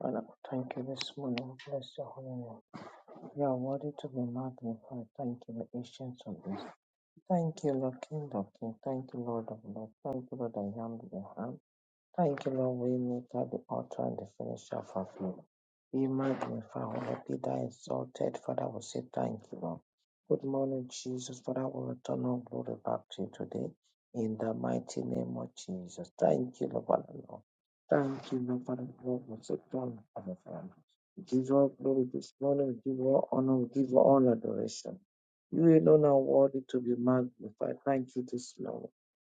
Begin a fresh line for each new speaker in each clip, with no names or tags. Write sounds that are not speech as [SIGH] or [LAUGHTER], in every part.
Father, thank you this morning. Bless your holy name. You are worthy to be magnified. Thank you, the ancient of this. Thank you, Lord King of King. Thank you, Lord of Lord. Thank you, Lord, I am the I am. Thank you, Lord. We make her the author and the finisher of our faith. We magnify, holy be thou exalted. Father, we say thank you, Lord. Good morning, Jesus. Father, we return all glory back to you today. In the mighty name of Jesus. Thank you, Lord, Father, Lord. Thank you, Lord, Father, Lord. We say thank you, Father, Lord. We give you all glory this morning. We give you all honor. We give you all adoration. You alone are worthy to be magnified. Thank you this morning.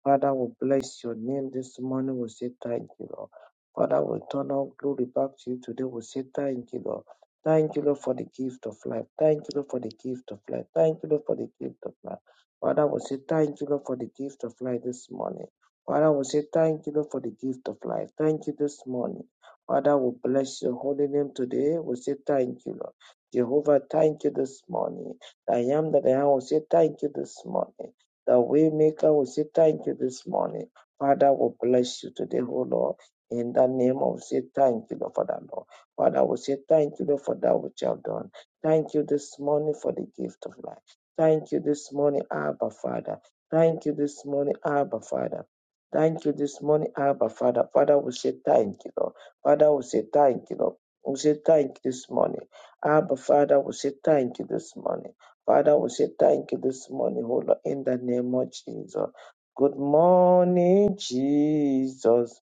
Father, we bless your name this morning. We say thank you, Lord. Father, we turn our glory back to you today. We say thank you, Lord. Thank you, Lord, for the gift of life. Thank you, Lord, for the gift of life. Thank you, Lord, for the gift of life. Father, we say thank you, Lord, for the gift of life this morning. Father, we say thank you, Lord, for the gift of life. Thank you this morning. Father, we bless your holy name today. We say thank you, Lord. Jehovah, thank you this morning. I am that I am. We say thank you this morning. The Waymaker, we say thank you this morning. Father, we bless you today, O Lord. In the name of, we say thank you, Lord, for that, Lord. Father, we say thank you, Lord, for that which you have done. Thank you this morning for the gift of life. Thank you this morning, Abba, Father. Thank you this morning, Abba, Father. Thank you this morning, Abba, Father. Father, we say thank you, Lord. Father, we say thank you, Lord. We say thank you this morning. Abba, Father, we say thank you this morning. Father, we say thank you this morning, O Lord, in the name of Jesus. Good morning, Jesus.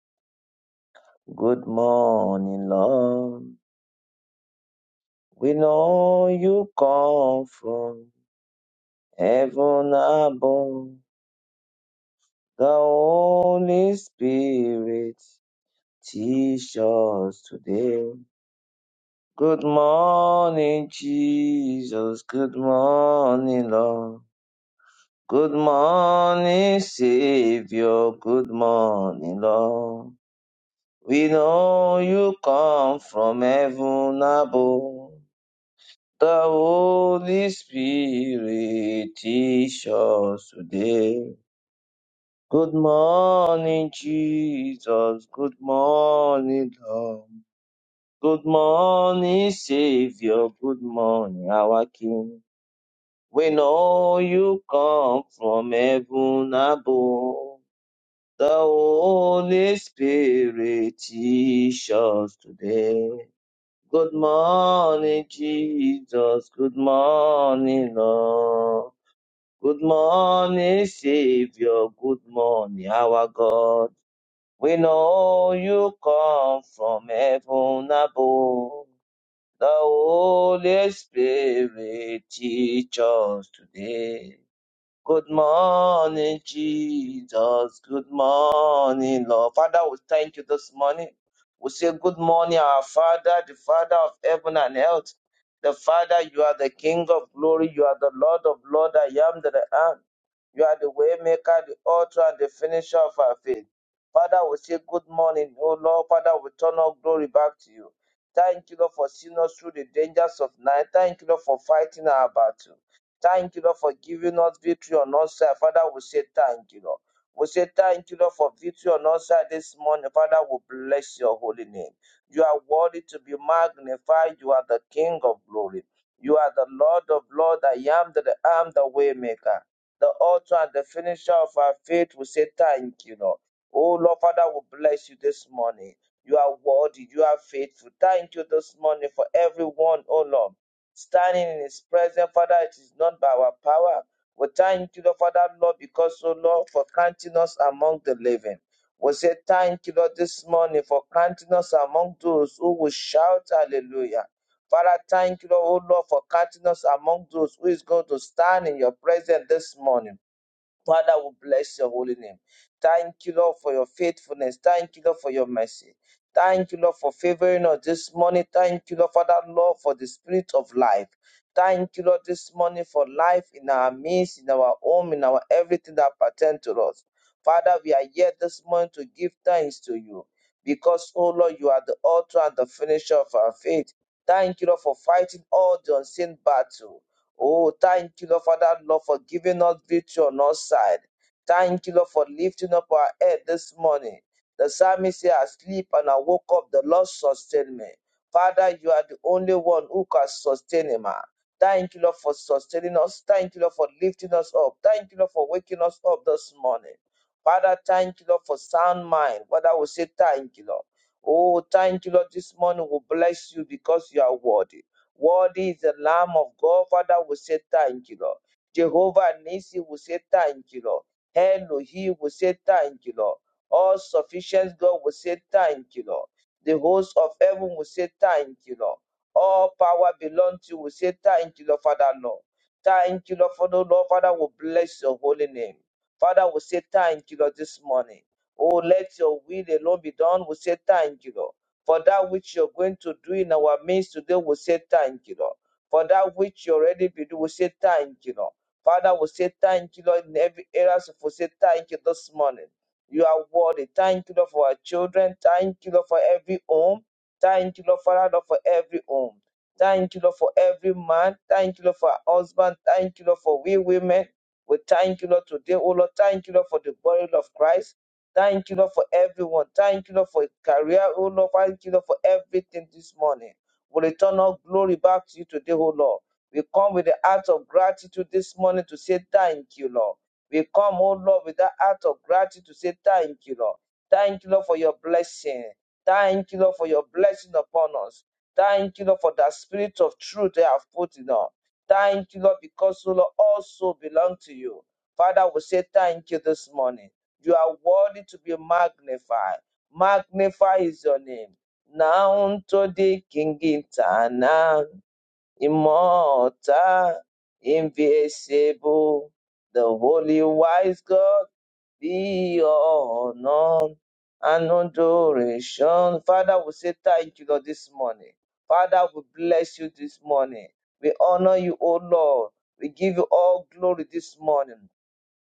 Good morning, Lord. We know you come from heaven above. The Holy Spirit teach us today. Good morning, Jesus. Good morning, Lord. Good morning, Savior. Good morning, Lord. We know you come from heaven above. The Holy Spirit teach us today. Good morning, Jesus. Good morning, Lord. Good morning, Savior. Good morning, our King. We know you come from heaven above. The Holy Spirit teach us today. Good morning, Jesus. Good morning, Lord. Good morning, Savior. Good morning, our God. We know you come from heaven above. The Holy Spirit teach us today. Good morning, Jesus. Good morning, Lord. Father, we thank you this morning. We say, Good morning, our Father, the Father of heaven and earth. The Father, you are the King of glory. You are the Lord of Lord. I am that I am. You are the way maker, the author, and the finisher of our faith. Father, we say, Good morning, O Lord. Father, we turn all glory back to you. Thank you, Lord, for seeing us through the dangers of night. Thank you, Lord, for fighting our battle. Thank you, Lord, for giving us victory on our side. Father, we say thank you, Lord. We say thank you, Lord, for victory on our side this morning. Father, we bless your holy name. You are worthy to be magnified. You are the King of glory. You are the Lord of Lords. I am that I am the waymaker, the author and the finisher of our faith. We say thank you, Lord. Oh Lord, Father, we bless you this morning. You are worthy. You are faithful. Thank you this morning for everyone, oh Lord standing in his presence. Father, it is not by our power. We thank you, Lord, for that, Lord, because, oh Lord, for counting us among the living. We say thank you, Lord, this morning for counting us among those who will shout hallelujah. Father, thank you, Lord, oh Lord, for counting us among those who is going to stand in your presence this morning. Father, we bless your holy name. Thank you, Lord, for your faithfulness. Thank you, Lord, for your mercy. Thank you, Lord, for favoring us this morning. Thank you, Lord, Father, Lord, for the spirit of life. Thank you, Lord, this morning for life in our midst, in our home, in our everything that pertains to us. Father, we are here this morning to give thanks to you because, oh Lord, you are the author and the finisher of our faith. Thank you, Lord, for fighting all the unseen battles. Oh, thank you, Lord, for that love for giving us victory on our side. Thank you, Lord, for lifting up our head this morning. The psalmist said, I sleep and I woke up, the Lord sustained me. Father, you are the only one who can sustain him. ah. Thank you, Lord, for sustaining us. Thank you, Lord, for lifting us up. Thank you, Lord, for waking us up this morning. Father, thank you, Lord, for sound mind. Father, we say thank you, Lord. Oh, thank you, Lord. This morning we bless you because you are worthy. Worthy is the Lamb of God. Father, we say thank you, Lord. Jehovah Nisi, we say thank you, Lord. Elohim, we say thank you, Lord. All sufficient God, we say thank you, Lord. The host of heaven, we say thank you, Lord. All power belongs to you, we say thank you, Lord, Father, Lord. Thank you, Lord, for the Lord, Father, we bless your holy name. Father, we say thank you, Lord, this morning. Oh, let your will alone be done. We say thank you, Lord. For that which you're going to do in our midst today, we say thank you, Lord. For that which you already be doing, we say thank you, Lord. Father, we say thank you, Lord, in every area. So we say thank you this morning. You are worthy. Thank you, Lord, for our children. Thank you, Lord, for every home. Thank you, Lord, Father, Lord, for every home. Thank you, Lord, for every man. Thank you, Lord, for our husband. Thank you, Lord, for we women. We thank you, Lord, today. Oh, Lord, thank you, Lord, for the body of Christ. Thank you, Lord, for everyone. Thank you, Lord, for career. Oh, Lord, thank you, Lord, for everything this morning. We return all glory back to you today, oh, Lord. We come with the heart of gratitude this morning to say thank you, Lord. We come, oh, Lord, with that heart of gratitude to say thank you, Lord. Thank you, Lord, for your blessing. Thank you, Lord, for your blessing upon us. Thank you, Lord, for that spirit of truth they have put in us. Thank you, Lord, because, oh, Lord, also belong to you. Father, we say thank you this morning. You are worthy to be magnified. Magnify is your name. Now unto the King eternal, immortal, invincible, the holy wise God, be all honor and adoration. Father, we say thank you, Lord, this morning. Father, we bless you this morning. We honor you, O Lord. We give you all glory this morning.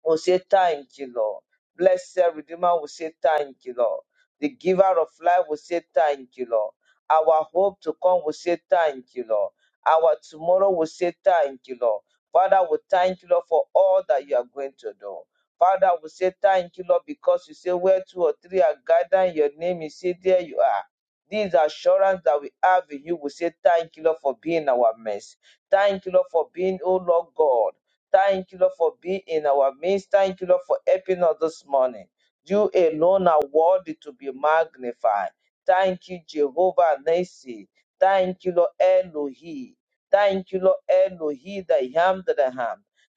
We'll say thank you, Lord. Blessed Redeemer, we say thank you, Lord. The giver of life, we say thank you, Lord. Our hope to come, we say thank you, Lord. Our tomorrow, we say thank you, Lord. Father, we thank you, Lord, for all that you are going to do. Father, we say thank you, Lord, because you say where two or three are gathered, in your name is said there you are. This assurance that we have in you, we say thank you, Lord, for being our mess. Thank you, Lord, for being, oh Lord God. Thank you, Lord, for being in our midst. Thank you, Lord, for helping us this morning. You alone are worthy to be magnified. Thank you, Jehovah Nissi. Thank you, Lord Elohi. Thank you, Lord Elohi, the Ham the I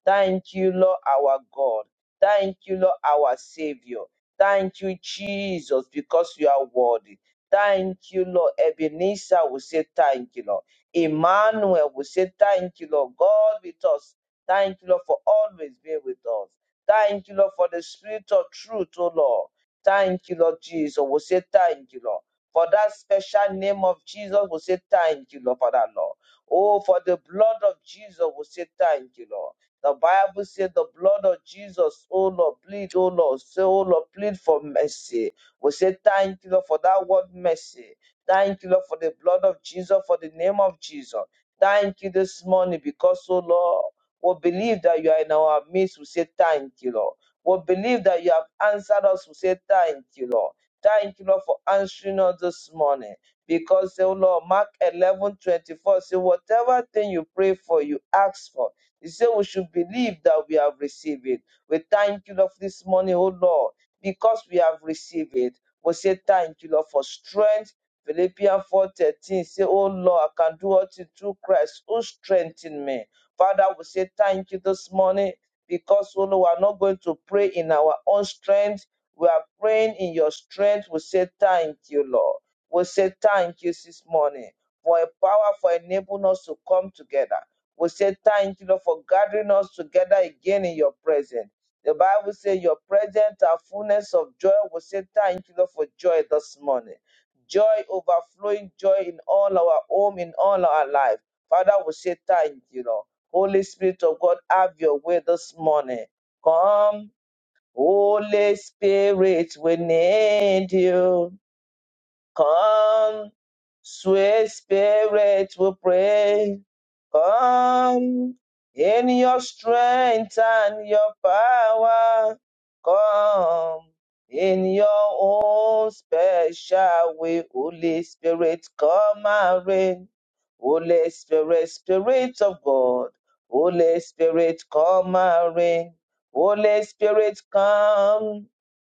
Thank you, Lord, our God. Thank you, Lord, our Savior. Thank you, Jesus, because you are worthy. Thank you, Lord. Ebenezer will say thank you, Lord. Emmanuel will say thank you, Lord. God with us. Thank you, Lord, for always being with us. Thank you, Lord, for the spirit of truth, oh Lord. Thank you, Lord Jesus. We say thank you, Lord. For that special name of Jesus, we say thank you, Lord, for that, Lord. Oh, for the blood of Jesus, we say thank you, Lord. The Bible said the blood of Jesus, oh Lord, plead, oh Lord, say, oh Lord, plead for mercy. We say thank you, Lord, for that word mercy. Thank you, Lord, for the blood of Jesus, for the name of Jesus. Thank you this morning because, oh Lord, will believe that you are in our midst. We say, Thank you, Lord. We believe that you have answered us. We say, Thank you, Lord. Thank you, Lord, for answering us this morning. Because, oh Lord, Mark 11:24 24 say, Whatever thing you pray for, you ask for. He said, We should believe that we have received it. We thank you, Lord, for this morning, oh Lord, because we have received it. We say, Thank you, Lord, for strength. Philippians 4:13 say, Oh Lord, I can do all things through Christ who strengthened me. Father, we say thank you this morning because, oh Lord, we are not going to pray in our own strength. We are praying in your strength. We say thank you, Lord. We say thank you this morning for a power for enabling us to come together. We say thank you, Lord, for gathering us together again in your presence. The Bible says your presence are fullness of joy. We say thank you, Lord, for joy this morning. Joy, overflowing joy in all our home, in all our life. Father, we say thank you, Lord. Holy Spirit of God, have your way this morning. Come, Holy Spirit, we need you. Come, sweet spirit, we pray. Come in your strength and your power. Come in your own special way, Holy Spirit, come and reign. Holy Spirit, Spirit of God, Holy Spirit, come and reign. Holy Spirit, come.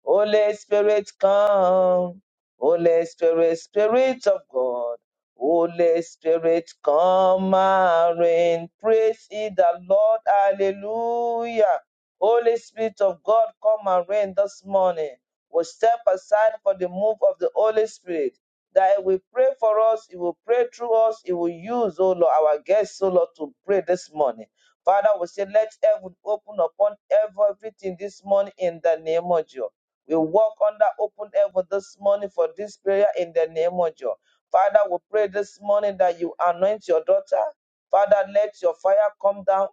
Holy Spirit, come. Holy Spirit, Spirit of God, Holy Spirit, come and reign. Praise ye the Lord. Hallelujah. Holy Spirit of God, come and reign this morning. We step aside for the move of the Holy Spirit. That He will pray for us, He will pray through us, He will use, oh Lord, our guests, oh Lord, to pray this morning. Father, we say, let heaven open upon everything this morning in the name of Jesus. We walk under open heaven this morning for this prayer in the name of Jesus. Father, we pray this morning that you anoint your daughter. Father, let your fire come down.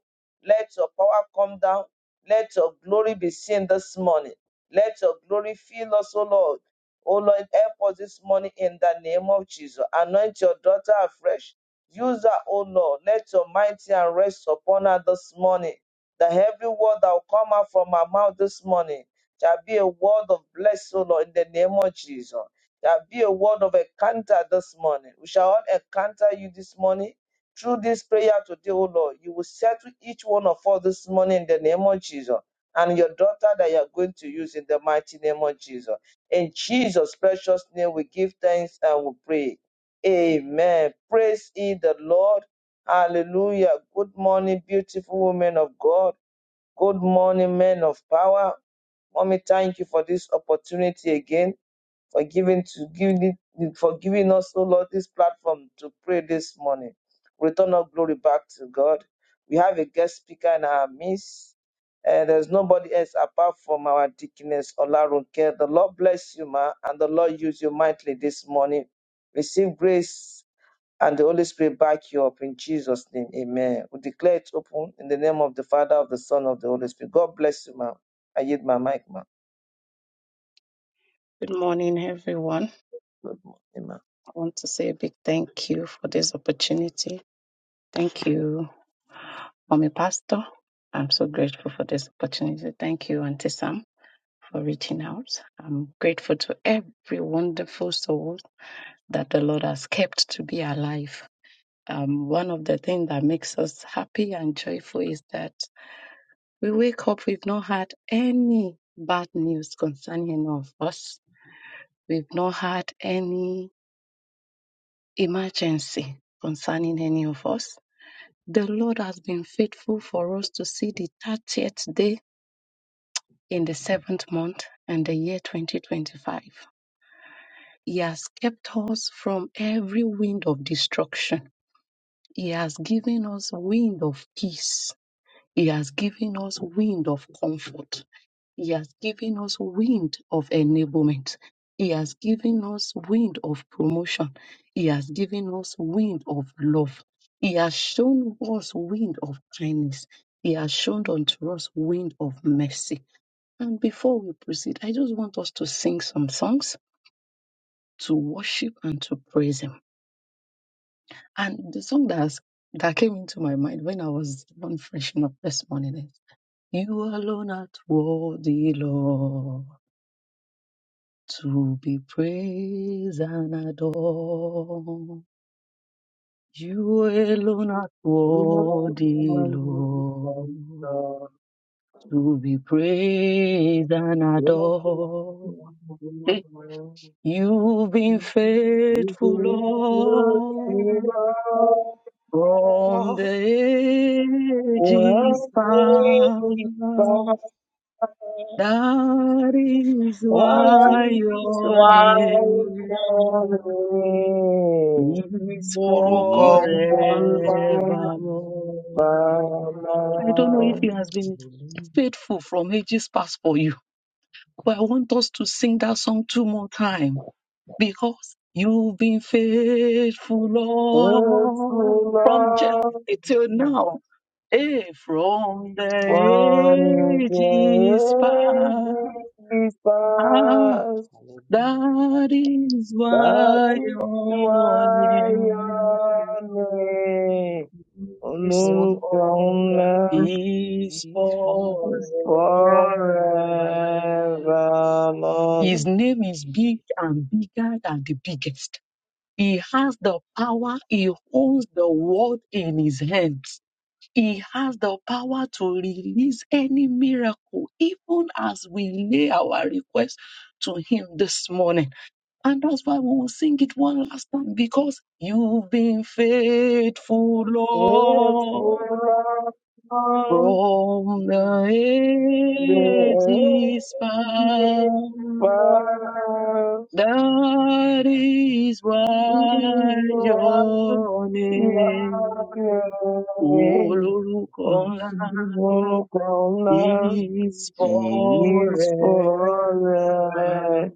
Let your power come down. Let your glory be seen this morning. Let your glory fill us, O Lord. O Lord, help us this morning in the name of Jesus. Anoint your daughter afresh. Use her, O Lord. Let your mighty and rest upon her this morning. That every word that will come out from her mouth this morning Shall be a word of bless, O Lord, in the name of Jesus. Shall be a word of encounter this morning. We shall all encounter you this morning through this prayer today, O Lord. You will settle each one of us this morning in the name of Jesus. And your daughter that you are going to use in the mighty name of Jesus. In Jesus' precious name, we give thanks and we pray. Amen. Praise ye the Lord. Hallelujah. Good morning, beautiful women of God. Good morning, men of power. Mommy, thank you for this opportunity again, for giving to giving for giving us, oh Lord, this platform to pray this morning. Return our glory back to God. We have a guest speaker in our midst. And there's nobody else apart from our deaconess Olarunke. The Lord bless you, ma, and the Lord use you mightily this morning. Receive grace and the Holy Spirit back you up in Jesus' name. Amen. We declare it open in the name of the Father, of the Son, of the Holy Spirit. God bless you, ma'am. I yield my mic, ma'am.
Good morning, everyone.
Good
I want to say a big thank you for this opportunity. Thank you, Mommy Pastor. I'm so grateful for this opportunity. Thank you, Auntie Sam, for reaching out. I'm grateful to every wonderful soul that the Lord has kept to be alive. Um, one of the things that makes us happy and joyful is that we wake up, we've not had any bad news concerning any of us. We've not had any emergency concerning any of us. The Lord has been faithful for us to see the 30th day in the seventh month and the year 2025. He has kept us from every wind of destruction. He has given us wind of peace. He has given us wind of comfort. He has given us wind of enablement. He has given us wind of promotion. He has given us wind of love. He has shown us wind of kindness. He has shown unto us wind of mercy. And before we proceed, I just want us to sing some songs to worship and to praise Him. And the song that, has, that came into my mind when I was on freshing up this morning is You alone art worthy, Lord. to be praised and adored. You alone are worthy, Lord, to be praised and
morning,
adored. Eh, You've been faithful,
That
Lord, from the ages
ma'am. [LAUGHS]
past. That is why
is
your
why
name is
lórúkọ wọn.
Hallelujah.
forevermore.
Hallelujah.
I don't know if he has been faithful from ages past for you, but I want us to sing that song two more times because you've been faithful, Lord, from January
He's
till
for my kitchen.
now. Hey, from the ages past, Ah,
Hallelujah.
that is why
That is
your
why
name.
Hallelujah.
is for, is
He's for
for.
Forever,
orúkọ
my
His
Lord.
name is big
kitchen.
and bigger than the biggest. He has the power. He holds the world in his hands. He has the power to release any miracle, even as we lay our request to him this morning. And that's why we will sing it one last time because you've been faithful,
It's a
Lord.
long
From the
day,
ages past,
but
wọn.
that is why
you are
your
Praise
name,
loving.
Olorukọ̀ńlá,
Corona
is forever.
is forevermore.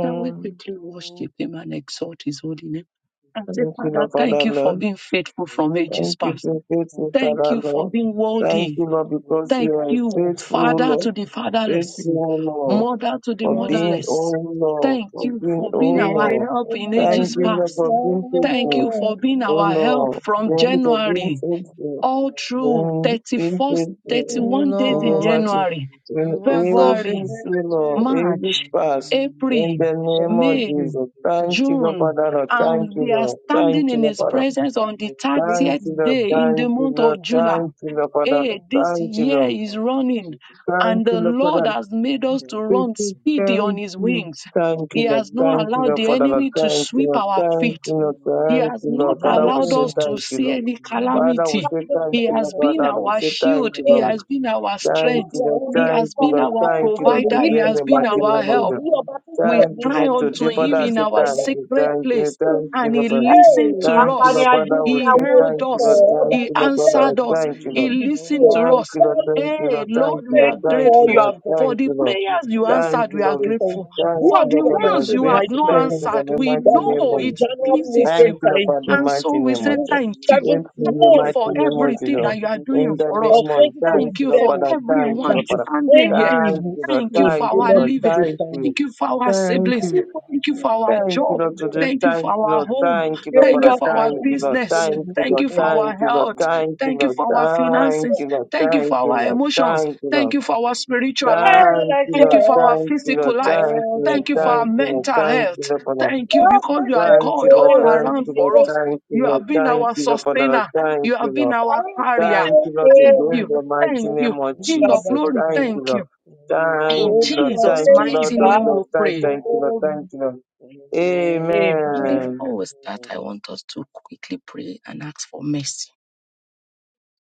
Shall we quickly worship him and exalt his holy name? And say,
Thank you,
Father,
Lord,
thank
Father,
you for
Lord.
being faithful from ages
Thank you,
past.
for
Him
faithful
Thank
Father,
you
for
for
Lord.
being
being
you
Thank
worthy
you, Lord,
faithful.
because you
Thank
are
you,
It
Thank
faithful,
Father
Lord.
you,
to the
Lord.
fatherless,
Faithful, O Lord,
Mother to the
for
people
being,
Thank
O
motherless.
you,
Lord,
Jesus.
Thank
for
you
being,
for
O
they
being
Hallelujah.
our
Lord.
help in
are
Thank
ages
you,
you
Lord,
past.
for being
Thank
faithful,
you for being
O
I've
our
been up
help
Lord.
here
from
Thank you
for
for
you.
being
January
Thank you,
faithful,
all
Lord.
through
and being
31st,
faithful
you
God,
31
in
Lord,
days in
the mighty.
January,
Thank you,
In
you are
Jesus.
so
February,
Lord.
ages, O Lord, ages
March,
past,
Amen.
in
April,
the
Thank you,
name
faithful.
of
May,
Jesus.
Lord.
Thank you,
Thank
Lord,
you,
June.
Father,
Lord.
Lord. Thank
And
you,
we are
Lord.
standing
Thank you,
in
Lord,
His
Father.
presence on the
Thank
30th
you, Lord.
day in the
Thank you,
month
Lord.
of July.
Thank you, Lord, Father.
Hallelujah.
Lord.
Hey, this
Thank you,
year
Lord.
is
Thank you,
running,
Jesus.
Thank
and
you,
the
Lord,
Lord
Father.
has made us to
Thank
run
you,
Amen.
speedy on
thank
His
you,
wings.
Thank you,
He
Lord.
has
Amen.
not
Thank you,
allowed
Lord,
the
Father,
Thank
Lord.
enemy to
Thank you,
you,
sweep
Lord.
our
Jesus.
Thank you,
feet,
Yes,
Lord.
He
yes,
Thank
has
you,
yes,
not
Lord.
Hallelujah.
very
Father, we
allowed
good,
say
very
us
good.
to
thank you,
see
Lord.
any
That is the
Father, we
calamity.
say
standard
thank
Bless
He
set
you,
the
Lord.
has
for
Lord.
been
us,
Father,
you
we
our
know.
say thank
shield,
you,
Bless
He
Hey,
the
Lord.
has been our
ó
Lord.
Thank
fi
you,
strength,
Lord.
àwọn
He
Thank
has
olórúkọ
you,
been
Lord.
ńlá
our
Thank you, Lord, to
provider,
ayòyí
He
lè
bring
has
the
been
mighty
àlèṣe
our
name
Hallelujah.
lè
of God.
help.
rí
Come.
ọba tó jẹ́
We
Thank
èmi
you,
ni
Thank
cry
Lord.
you,
láti
unto
Today,
Lord.
bẹ̀rẹ̀
Father,
him
kì
I
in
say
í lè
our
lọ
thank you,
sacred
thank you,
place,
thank you,
and
Lord.
he
Father.
listened
Thank you,
to
Thank you,
apani
Lord,
us.
Father.
Jesus.
We
He
say
ajínigbáwo ní
heard
thank you,
sọ
Lord.
us.
Lord, we
ọba
Thank
He
you,
tó
bless
Lord,
jẹ́
Father.
answered
èmi
us.
ni
Thank you,
He
Lord.
ìdìbò
you.
listened to
òfin
Thank
us.
you,
bá
Lord.
Amen.
Thank you,
Hey,
Lord.
ní
Thank
Lord,
you,
we are
thank
Lord.
you for
Thank
all
you,
you
grateful.
Lord.
have done.
Amen.
For
Thank
the
you, Lord.
You're
prayers you
We have
always
Thank
come
answered,
on
you,
we
to
our
are
Lord.
say
We-
grateful.
thank
hand.
you. Who
Thank
Thank
For
are
you,
the
we
Lord,
that you
Father.
are
I'm
ones
so
you have
grateful.
not
mindful
Thank
of
you,
us?
answered,
Lord. In the
we
mighty
know
Daddy,
name
you,
of
for
it
January, we
pleases
Lord.
say
Thank
you.
you
thank
for
you.
the
And
mighty
so we
Thank
To
name
say
of
this
you,
Jesus.
thank you.
In
seventh
Savior.
Thank
the
you
month
mighty
for
of
Thank
name of
everything
July
Jesus.
that you are doing
In
you,
the
for us.
of
name of
Jesus.
thank
Thank
you,
you
Lord
for
2027
Father. Thank you,
that
everyone
Hallelujah.
Lord
is
We
Father.
standing
praise you. Thank you, Jesus.
here.
Hallelujah.
Thank
ending
you, Lord.
Thank you
soon,
for
Thank
oh
you,
our
Lord,
Amen.
Lord.
we
living.
Thank
say
Thank
you,
thank you.
you.
Thank
Jesus.
you for
Amen.
our
Thank
siblings.
Daddy,
you.
for all
Thank you
you
Thank
for our
have done
Thank you,
job.
Lord,
for
today.
us,
Thank you for
Thank you,
our
Lord.
home.
Thank you,
Yeah,
Lord,
Thank
you
you
Father.
are
for our
you,
Thank
taking
you, Lord.
Jesus.
this, oh
business.
Lord,
Thank
Thank
we
you,
you.
say
Thank
Lord.
you for
thank you.
our
Thank you, Lord.
health.
Amen. Amen. Amen.
Thank you,
Thank you
Lord.
for our
Thank
finances.
you, Lord.
Thank
Thank
you
you,
Thank
for
you,
our
Jesus.
Lord.
emotions.
Thank you,
Thank
Lord.
you for our spiritual life.
Well, I
Thank you, Lord. Thank you,
Thank
Lord.
you for our
shall
Thank you,
sing
Lord.
physical life.
for
Thank you for
July.
Thank
our
you, Lord.
mental
Thank you,
health.
Lord, Father.
Thank you because
Ìbáfẹ́
you are
ṣe
Thank
pé
you,
God
Lord.
all
Thank
around
you, Lord.
for
olùmí
us.
Thank you,
You
Lord.
have been
Thank
our
you, Lord, for the Lord.
sustainer.
Thank
You
you,
have
Amen. Amen.
been
Lord.
our carrier.
Thank you, Lord, for
Thank
doing
you.
the
Thank
mighty
you.
name of
King of
Jesus.
glory,
Thank you,
thank you.
Lord.
Amen. Amen.
Thank
In
you, Lord.
Jesus'
Thank you,
Thank
Lord
mighty
you,
of
name,
Lord.
we
Jesus.
Thank,
pray.
thank you, Lord.
Hallelujah.
Thank you, Lord.
Amen.
And
Amen.
before we start, I want us to quickly pray and ask for mercy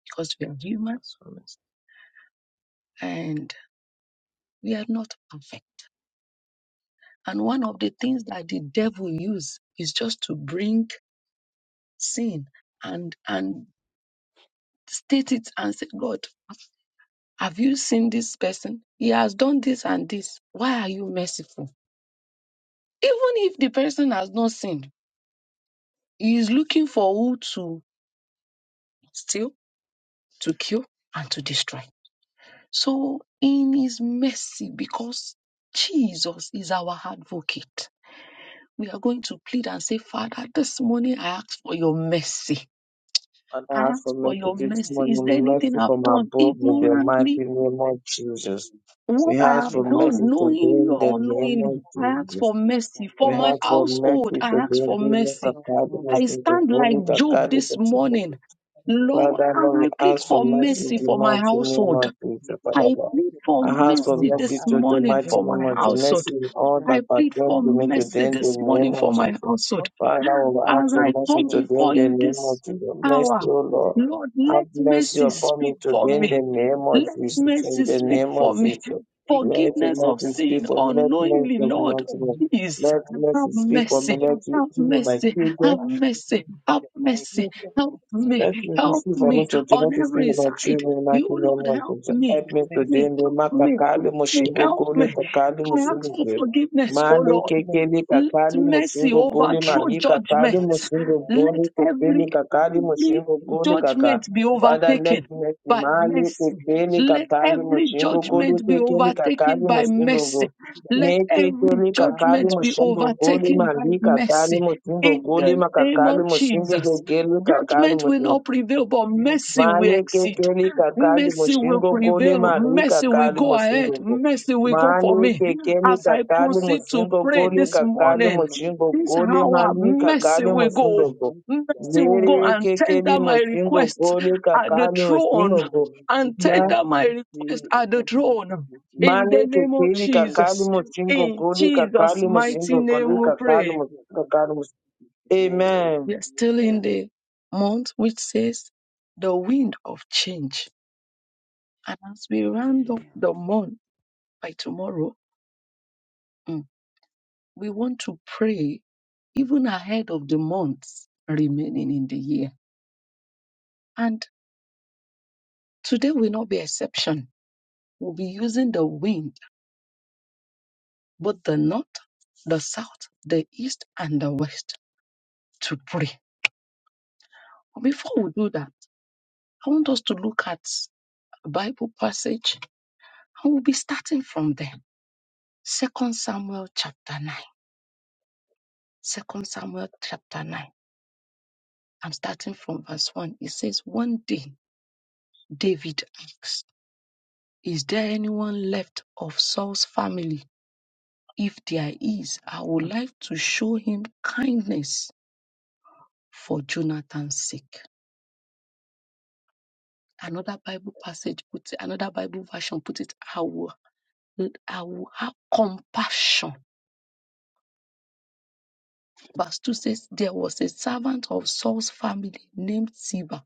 because we are human
That's for me.
and we are not perfect. And one of the things that the devil uses is just to bring sin and and state it and say, God, have you seen this person? He has done this and this. Why are you merciful? Even if the person has not sinned, he is looking for who to steal, to kill, and to destroy. So, in His mercy, because Jesus is our advocate, we are going to plead and say, Father, this morning I ask for your mercy.
And
I
I ask for
ask for
mercy
your
this
Amen.
mercy. Is there
Thank
morning,
you,
anything
mercy
I've
from
Jesus.
done
above in
We
the
ask
mighty
for
ignorantly?
your
name
mercy.
of Jesus.
What
We
I
ask
We
for
have
ask for
done,
mercy
your
today
knowingly
in the
or
forgiveness.
name of
unknowingly, I ask
We
Jesus.
ask
for
for your
mercy.
upon
For
We
my
us.
have for met
household,
with
We
I
the
ask for
ask for
daily cup
mercy.
your
of the most
I stand like
holy, the
forgiveness.
Job
Kali,
this
the
morning, Lord,
Father, Lord,
and
we
I
We
plead
ask for
for
ask for
mercy in
mercy
mercy.
the
for my
Thank you,
mighty name
household.
of Jesus,
Jesus.
Father,
I
Lord.
We
plead
ask for mercy. Lord Jesus, anything we
for
I
have
ask
not
for
done,
mercy
we
mercy
this
ask
to the
for your
morning
mighty
for
mercy.
name
my
of Jesus.
household.
Mercy in all
Thank
that
I plead
pertain
for
you,
to me
Jesus. We
today
mercy
in the
ask
this
for
morning
name of
for my
Jesus.
household.
Father,
As
mercy.
we ask for
I
mercy
come
today in
before
the
you
name of
this
We
Jesus.
hour,
Mercy,
ask
O
for
Lord.
mercy.
Lord,
Have
let
that you
mercy
mercy
are
upon me
speak for
today in the
me.
faithful and
name
have
of
Let
mercy.
Jesus. In
mercy
the
Let
speak
name
me
of
for
learn
me.
to
Jesus.
take
Let
for
Forgiveness
of
of
mercy
the
speak
sin
for me.
Lord of
Let mercy
unknowingly,
speak
Christ
for
Lord.
to
me.
do to
Please
Let
us
have
mercy
the
speak for me. Let
mercy,
mercy
have
speak for my
mercy,
forgive of
children.
have
our
mercy,
sins in
have
the mighty
mercy.
name
Help
of
me,
Let
Jesus'
me
help
receive
name.
for me
me
today,
Have
let
on
the spirit
every
mercy
of our
side.
with
children not
You,
in my
you,
kingdom
Lord,
of
help
God.
you
me, help
Help me
too,
me,
today, no
help
and
matter
me, help
Lord.
Kali
me,
May
Mushingo
I
help
Goli,
me.
have
Kakali
I
mercy in
ask
Musingo
for
the
Goli.
mighty
forgiveness,
name
O
of
Male
Lord.
Jesus.
Kekeli
Let
With
Kakali
the
mercy
Musingo
glory,
Goli,
peace,
overthrow
and
Mami
the
Kakali
judgment.
Musingo
glory,
Let
Goli,
every,
Kekeli
Thank you,
Kakali
Lord. Thank
every
Musingo
you
Goli
for all
Kaka.
judgment
that
be
you
Father,
have done
let
for
overtaken
me see
by
Mali
mercy.
Let
Kekeli
your
Let
Kakali
name be
every
Musingo Goli,
judgment be
glorified.
Kekeli Kakali
overtaken
Thank
by
you, Lord,
Musingo Goli.
mercy.
for the that
Let
Meke
you have
every
kele
done. I
kakali
judgment
met
be
you
mushingo
at the
goli
overtaken by
mandi
altar, Lord.
kakali
mercy.
musingo
Thank
In
you,
goli
the
Jesus.
name
makakali
of
We
musingo
Jesus,
bless
goli
you at
kakali
the
judgment will
musingo
not
altar.
prevail, but
And help
mercy
those
will
who have been
exceed.
Malekekeli
reaching out
kakali
to
Mercy
you
will
and
mushingo gole
answering,
prevail.
Lord.
mari
Mercy
So That I
will
kakali
go
love you,
musingo
ahead.
go.
bless you
Mercy
for
will go for
life.
me.
Malekekeli
Lord,
As I
bless
kakali
your
proceed
God.
to
musingo
pray
Have
gole
mercy on us,
this
kakali
morning,
Lord
mushingo
this
God.
gole
We
hour,
mari
continue
mercy
kakali
this
will
in
musingo
our
go.
go.
lives, Lord.
Mercy will go
Have
and
mercy
Yerekekeli
tender my
upon us,
mushingo
request
gole
Lord.
at the
kakali musingo
throne.
go.
And
Hallelujah.
Ma-
Have
tender my
mercy in
request
the
at the
mighty name
throne.
of
In the
Jesus.
name of
Malekekeli
Thank you,
kakali
Jesus.
musingo
Jesus.
In
gole
Jesus'
kakali
Hallelujah.
musingo
mighty
gole
name we
Have
kakali
pray.
mercy
musingo
upon us in
kakali musingo.
Jesus' name.
Amen.
We are still in
Amen.
the month which says the wind of change. And as we round up
Hallelujah.
the month by tomorrow, mm, we want to pray even ahead of the months remaining in the year. And today will not be exception. We'll be using the wind, both the north, the south, the east, and the west to pray. Before we do that, I want us to look at a Bible passage and we'll be starting from there. Second Samuel chapter 9. Second Samuel chapter 9. I'm starting from verse 1. It says, One day David asked. Is there anyone left of Saul's family? If there is, I would like to show him kindness for Jonathan's sake. Another Bible passage put another Bible version put it, I will, I will have compassion. Verse 2 says, There was a servant of Saul's family named Ziba,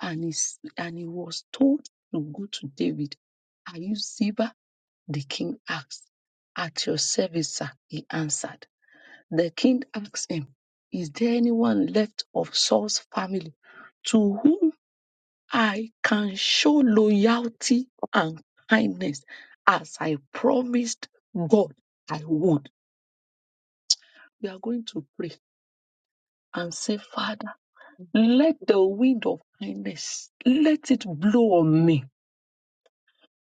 and, his, and he was told to go to David. Are you Ziba? The king asked. At your service, sir, he answered. The king asked him, Is there anyone left of Saul's family to whom I can show loyalty and kindness as I promised God I would? We are going to pray and say, Father, let the wind of kindness let it blow on me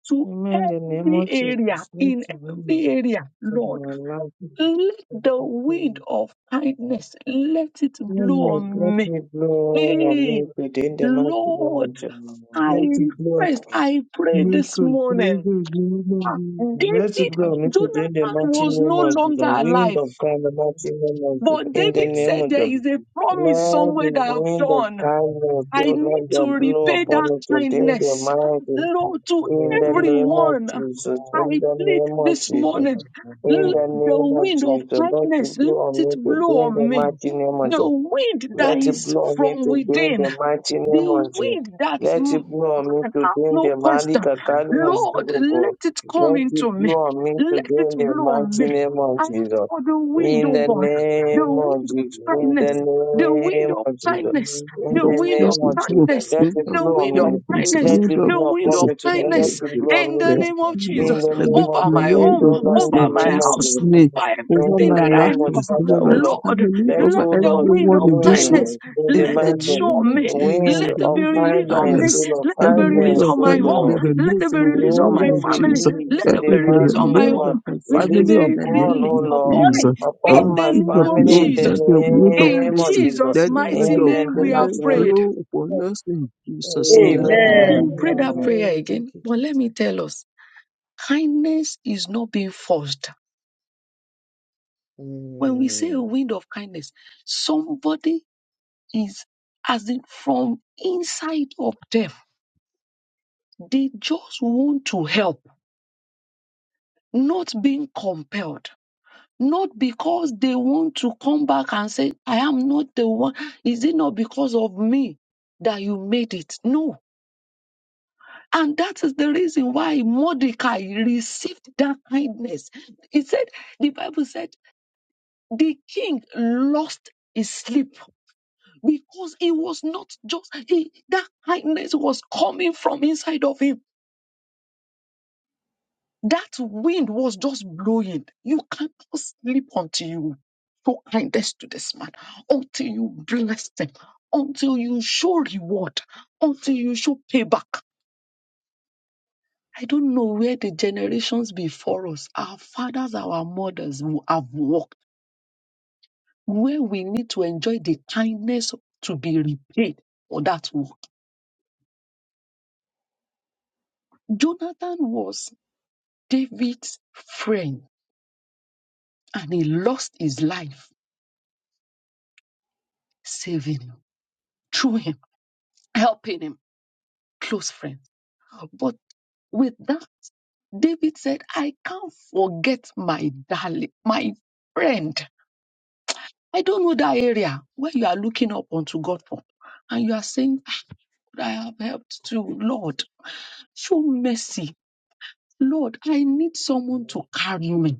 to
Amen. In the name
every
of
area in
Jesus.
every area
of
lord
my life.
let the wind of kindness let it
Let
blow on
let
me
me blow on me
pain.
within the mighty name
Lord,
of Jesus.
I
Let it blow
request,
on
I pray
me
this
within
morning.
the name of
Ah,
Jesus. Let it
David,
blow on me within the
Jonathan
mighty
was
name
no
of Jesus.
longer
Wind
alive,
of God, the mighty name of Jesus.
but
In the
David
Thank
name of
said there
Jesus.
you,
is a
Jesus.
promise
Let the
somewhere that I've
wind of
done.
Let me know
kindness,
and
I
O
need
Lord,
to
God, blow
let
repay
upon
that
me today in the
kindness,
mighty,
me know.
Lord,
If
to
in the name of
everyone.
Jesus, in
I
the
plead
name of
this
Jesus.
morning,
In
let
the
the
name of
wind of
Jesus, let
kindness,
it be
let
on
it
me
blow
today in the
on me.
mighty name of
The
Jesus.
wind that
Let it
is
blow on me
from
today in
within,
the mighty name
the
of Jesus.
weed that
Let
m-
it blow on me
and have
today in
no
the
question.
Malika Kalimus
Lord,
God.
let it come
Let it
into me.
blow on me
Let
today
it
in the
blow on me.
mighty name of
I ask
Jesus.
for the wind,
In
oh
the
God, the
name of
wind of
Jesus. In
kindness,
the
the wind
name
of
of Jesus.
kindness,
In
the
wind of
the
wind of
name
mercy,
of Jesus.
blow,
kindness,
Let
wind
it
of
the
blow
wind of
on me.
kindness,
kindness,
Let
wind
it
of
the
blow
wind
upon
mercy,
of
me today. Let
kindness
it blow on
in
me
the
rest,
today.
name of
you know,
In
Jesus
the
let it
name of
over my
the
blow
home,
the
Lord,
dust
in the
over
in
my
name of
house.
Jesus.
Jesus'
over
name
In
over
everything
the
my
that I
name of
life,
have,
over
Father, O
my
Lord,
Lord,
family,
let,
let
over
O
the
Lord, the
wind
everyone
of
in this room.
kindness
wind in the
In
let
the
it
mountain,
show
name
me
of
the
Jesus,
wind
the
let it
of
be
wind
you
of
need
released on
kindness,
me.
O
kindness,
Lord,
Let
and
it
the
be
wind
released
of
kindness,
on
O
my
kindness
home.
be
Lord,
Let it
released
be
the
in the
released on
wind
name
my
of
family.
Jesus.
release
Let
Let
in
a
it be
the
it be
family,
released
mountain,
on
O
my
released of
Lord,
home.
my
Let it
release
be
family in
Amen.
the
upon,
name
O
released
of
Thank
Lord,
upon
you, Jesus.
me.
Jesus.
In
Oh,
upon
the
my
King
name
of
of
Thank
family
glory,
in the
let
Jesus.
the wind of
In
name of
mercy
Jesus.
Jesus'
let the wind
mighty
In
of
the, in
name,
the
we have
kindness
mighty name,
prayed.
blow upon us in Jesus' name.
We
Amen.
will pray that
Amen.
prayer again. But let me tell us kindness is not being forced. When we say a wind of kindness, somebody is, as in from inside of them, they just want to help not being compelled, not because they want to come back and say, I am not the one. Is it not because of me that you made it? No. And that is the reason why Mordecai received that kindness. It said, the Bible said, the king lost his sleep because he was not just, he, that kindness was coming from inside of him That wind was just blowing. You can't sleep until you show kindness to this man, until you bless them, until you show reward, until you show payback. I don't know where the generations before us, our fathers, our mothers who have walked, where we need to enjoy the kindness to be repaid for that work. Jonathan was David's friend and he lost his life saving him, through him, helping him. close friends. But with that, David said, I can't forget my darling, my friend. I don't know that area where you are looking up unto God for. And you are saying, "Ah, I have helped too, Lord. Show mercy. Lord, I need someone to carry me.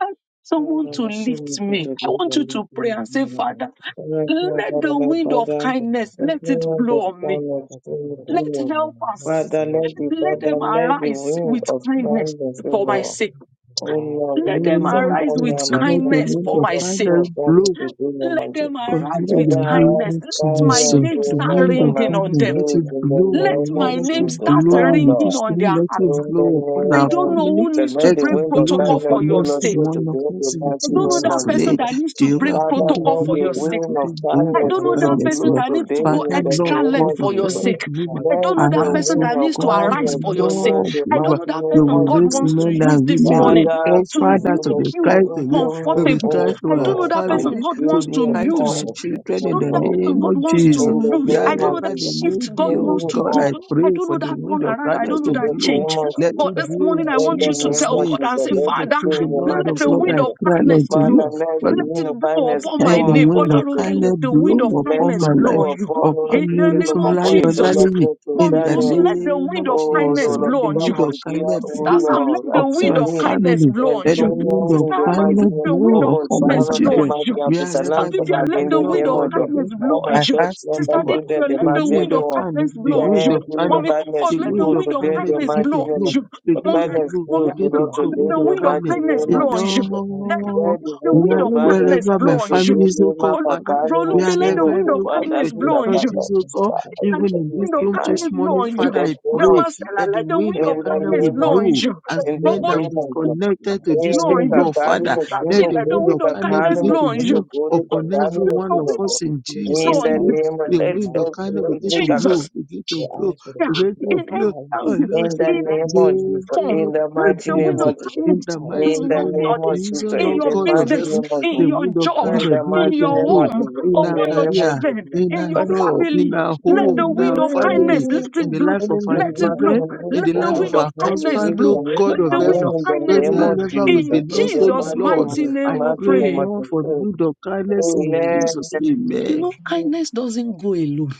I need someone to
Father,
you,
show me
lift
Jesus.
me.
the good
I want you
woman
to pray
in
and say,
you.
Father,
Thank my
let
Father,
the
my
wind of
Father,
kindness,
let
let
no
it
one
blow
of
on me
kindness
Thank
to
you, Jesus. Let the wind of
Let
you.
help
God, let it
us.
Father,
blow
let
on
the
Let
my
Father,
mouth.
them
let the
arise
wind
Thank
with
of
you,
kindness
Jesus.
kindness,
Thank
O
for
you,
my
Jesus.
Lord.
Thank you, Jesus. Thank you, Jesus. Thank you, Jesus. Thank you, Jesus. Thank you, Jesus.
sake.
Thank
O Lord,
Let them
release
Lord
arise
upon me
with
Jesus,
and my
let the
kindness
wind
family,
for
of
my
and
sake.
pour
kindness
upon
blow
me to do your
Let
magic.
them
Father,
arise
in
Let
with
the
the name
arise
kindness.
of
Let my
Jesus,
kindness,
name
O
the
start
Lord,
wind
on
of
my
ringing on
family,
them.
let it
spirit in the
blow, the
Let
name
moon,
my
of
let
name
it
Jesus,
start
blow, in
ringing
Father.
this
on
room,
their
let
heart.
it
In the
blow upon
name
I
our
don't know
family,
of
who
Jesus,
needs to
let
let
the
break
it
wind of
blow
protocol
darkness
upon
for your
every
pull us
sake.
through to
one
the
of
end
us
of the
in
I
mighty
don't know
name
Jesus'
that
of
person
name.
Jesus.
that needs to break
Jehovah, King
Father,
of
protocol
let
for
the
glory,
your
and
sake.
to
wind of
the wind
I
of
darkness
don't know
will
that
of
kindness,
person
blow
Lord.
that needs
today
to go
Father,
in the
Lord
extra
name
length
God
of
of
for your
you,
Jesus.
heaven,
Jesus.
sake.
Jehovah,
I don't
Let
know
the
Thank
that
arise,
person
O
wind
that needs
of
to
you,
God,
Jesus.
arise
darkness
and
for your
pull
sake.
us
Lord,
the
I don't
Jehovah,
know
mighty
that
you
name
person
will
of
God
Now,
raise
wants to
Jesus.
men
use
and
this
women,
morning
O
Father,
God,
to
we
please
Father, to
just
make
be
will of
you
kind
blow
to me,
have the
into
to
me,
be
comfortable.
range
kind
O
of
to
I
our
don't know
time
Lord,
that
that
and
person
family,
God
to
give
wants
be
me
to
takes
kind to my
use.
time
all,
to
I
children
O
in
don't know
the
that
apply
Lord.
person
name
God
that,
of
wants
uh,
Jesus.
In
to
the
use. I
name
don't
kind
of
know
of,
Wherever
that
Jesus,
they
I
you
may
shift
give
God
be, oh
wants
you
to
God,
all
do.
I
of
I
pray
don't
for
know
the
that
opportunity
wind
of
of
turnaround. I
kindness
don't
having
know
in
to
the
those,
that
blow.
change.
name of
uh,
Let it
But
Jesus.
this
blow in
morning, I
In
want
the
you to
Jesus'
some
name
tell
of
name.
God
Jesus,
and
opportunity,
say,
let
King of
it
Father,
be
King, the
in the
Lord
mighty
of
let the
name
Lord,
of
wind
I
of
Jesus.
cry
kindness
unto you.
blow.
Father, let the
Let it blow
unifiedness
upon my
Let
blow
the
name.
wind
unto me
of
Olaronke, let
today.
kindness
the
blow
wind of
Let
upon
kindness
my
it
blow
life,
on
blow
you.
upon all
upon
of
In
me,
the
the
kingdom
name of
Olufemilayo
upon his all
Jesus.
of
Olaniyi,
me
in
Mommy
the
Musu,
concerning
let the
name
wind
of
of
Oh
um,
Jesus.
kindness
Lord, of
Let
blow
the
the
on you.
wind of
Lamb dear.
kindness
Sister
oh
blow
Sam,
Lord,
let the
of
upon
wind
my
of
Salim,
kindness
family.
blow
and
on
Let
to
the
you.
wind
know
of
Sister
in the
Irene,
mighty
let
kindness
the
name
wind
of
blow
of
God,
upon my
kindness
Shaharon,
blow
the
children,
on
mighty
you.
and to
Sister
Salam,
wherever they
Vivian,
may
Salam,
be,
let
in
the
the
Lord
wind
name
of
of
kindness
God
the
of
and,
kindness
heaven.
you
blow
all
on
my
I
you.
church
ask
member,
Sister
you know,
Jehovah,
the
children,
Deborah,
work
the
the
let
of
the
mighty
wind
wind
of
of
kindness,
everyone.
kindness,
we
kindness
the
make
blow on
our
wind
you.
of
Then giving the
kindness,
Mommy
direction,
kindness
the
Comfort,
and
let
if
the
wind
good
you
of
to
wind of
like,
them
kindness
we
the
kindness
begin
live
mighty
to
blow
what
on
name
blow,
of
Jesus,
you.
the
begin
Mommy,
to
kindness
blow,
we
mommy,
good to
begin
live
to
Lord
our
to
blow,
let
wind
them
the
of
the
wind
kindness
of
kindness.
mighty
and, you
kindness
name
know,
of
blow on
Jesus
you.
help
Let
us
the,
to
Lord,
where
do
the
the
this,
we
wind
wind
are
of
of
and, you
violence
kindness
wherever my
blew
blow on
to
you.
family
give
is,
me
oh God,
to
Father.
do
Bro,
Mapakani
We
this,
look, they
are
let
and,
the
ever
Mushingo
wind of
Bumba
everywhere
kindness
that your
blow
Dakika
on you
Tata
churches, oh God.
Kushka. I did
and
Even in
the
this
not
wind of
give
room
my
this
kindness blow
morning,
on
In
you.
Father,
the
I
name
pray
of Jesus.
Jamastella,
that the
let the
wind
wind
of
of
In the
kindness
kindness
will
name
blow
of
on
blow.
Jesus.
you.
As
In
men
the
that
Robolu,
will
name
be
of Jesus.
connected to this
blow
Ele
room,
on you.
Lord
kakali
Father,
Sister Chi,
let
mushingo
the
let the
wind
kuli
wind
of
of
kindness
kakali
kindness
begin
blow
to
on you.
blow
mushingo kuli
upon
kakali
every
Let the
one of
wind
mushingo
of
us in
kuli.
blow
In
Jesus'
the
on
name.
you.
name of
The
let's
wind of
uh,
kindness begin to
make a-
blow,
Jesus.
begin to blow,
Yeah.
begin
In
to blow
every
on
angle.
us
in the
in
in
the
name of Jesus,
name
form.
in the
of
Let
mighty
the
name
wind
Jesus.
of
of Jesus,
In
kindness
the
in
mighty
in
the
your
name of
name of
studies,
Jesus,
Jesus,
in
Lord
in
your
the
God of
mighty
business,
heaven,
name of Jesus.
in
the
your
wind of
job,
In
kindness
the
begin
in
mighty
your
to
name
blow
of
home,
Jesus.
in
In
our
the
upon your
name of
career,
Jesus.
children,
in
in
our
your
But
job, in
family.
our
Let
home,
praise
the
in
wind
our
of
family,
kindness let
you.
in
it
the
blow.
life
And
of
in
our
the
Let it
mighty
children,
blow.
name of
in
Jesus,
Let
the
the
life
from
of
wind of
our
darkness to
kindness
husband,
this
blow.
oh
from me
God
Let
from
of
my
the wind
heaven.
home
of
in the
kindness
name
blow.
of
Wherever we
Jesus.
In
Amen.
belong,
In
so
the
Jesus'
mighty
Lord,
mighty
name
name
I
we
mighty
pray,
name of
pray.
now for the
Jesus.
wind of kindness in
Amen.
Jesus' name.
You
Amen.
Hallelujah.
know, kindness doesn't go alone.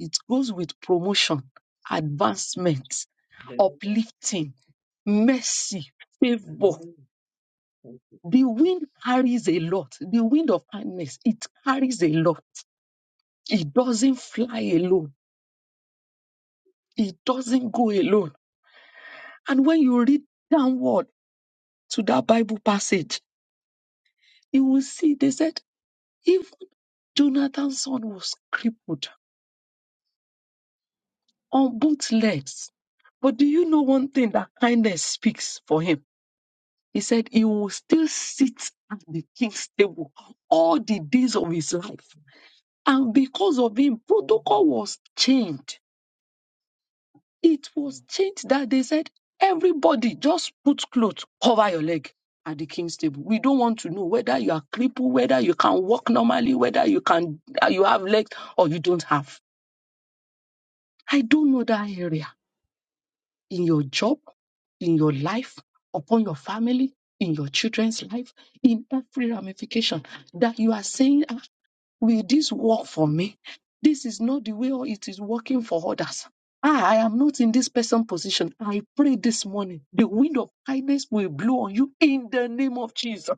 It goes with promotion, advancement, uplifting, mercy, favor.
Amen. Thank you,
The
Jesus.
wind carries a lot. The wind of kindness, it carries a lot. It doesn't fly alone. It doesn't go alone. And when you read downward to that Bible passage, you will see they said, even Jonathan's son was crippled on both legs. But do you know one thing that kindness speaks for him? He said he will still sit at the king's table all the days of his life. And because of him, protocol was changed It was changed that they said, everybody just put clothes, cover your leg at the king's table. We don't want to know whether you are crippled, whether you can walk normally, whether you can uh, you have legs or you don't have. I don't know that area in your job, in your life, upon your family, in your children's life, in every ramification that you are saying. "Ah, Will this work for me? This is not the way it is working for others. Ah, I am not in this person position. I pray this morning the wind of kindness will blow on you in the name of Jesus.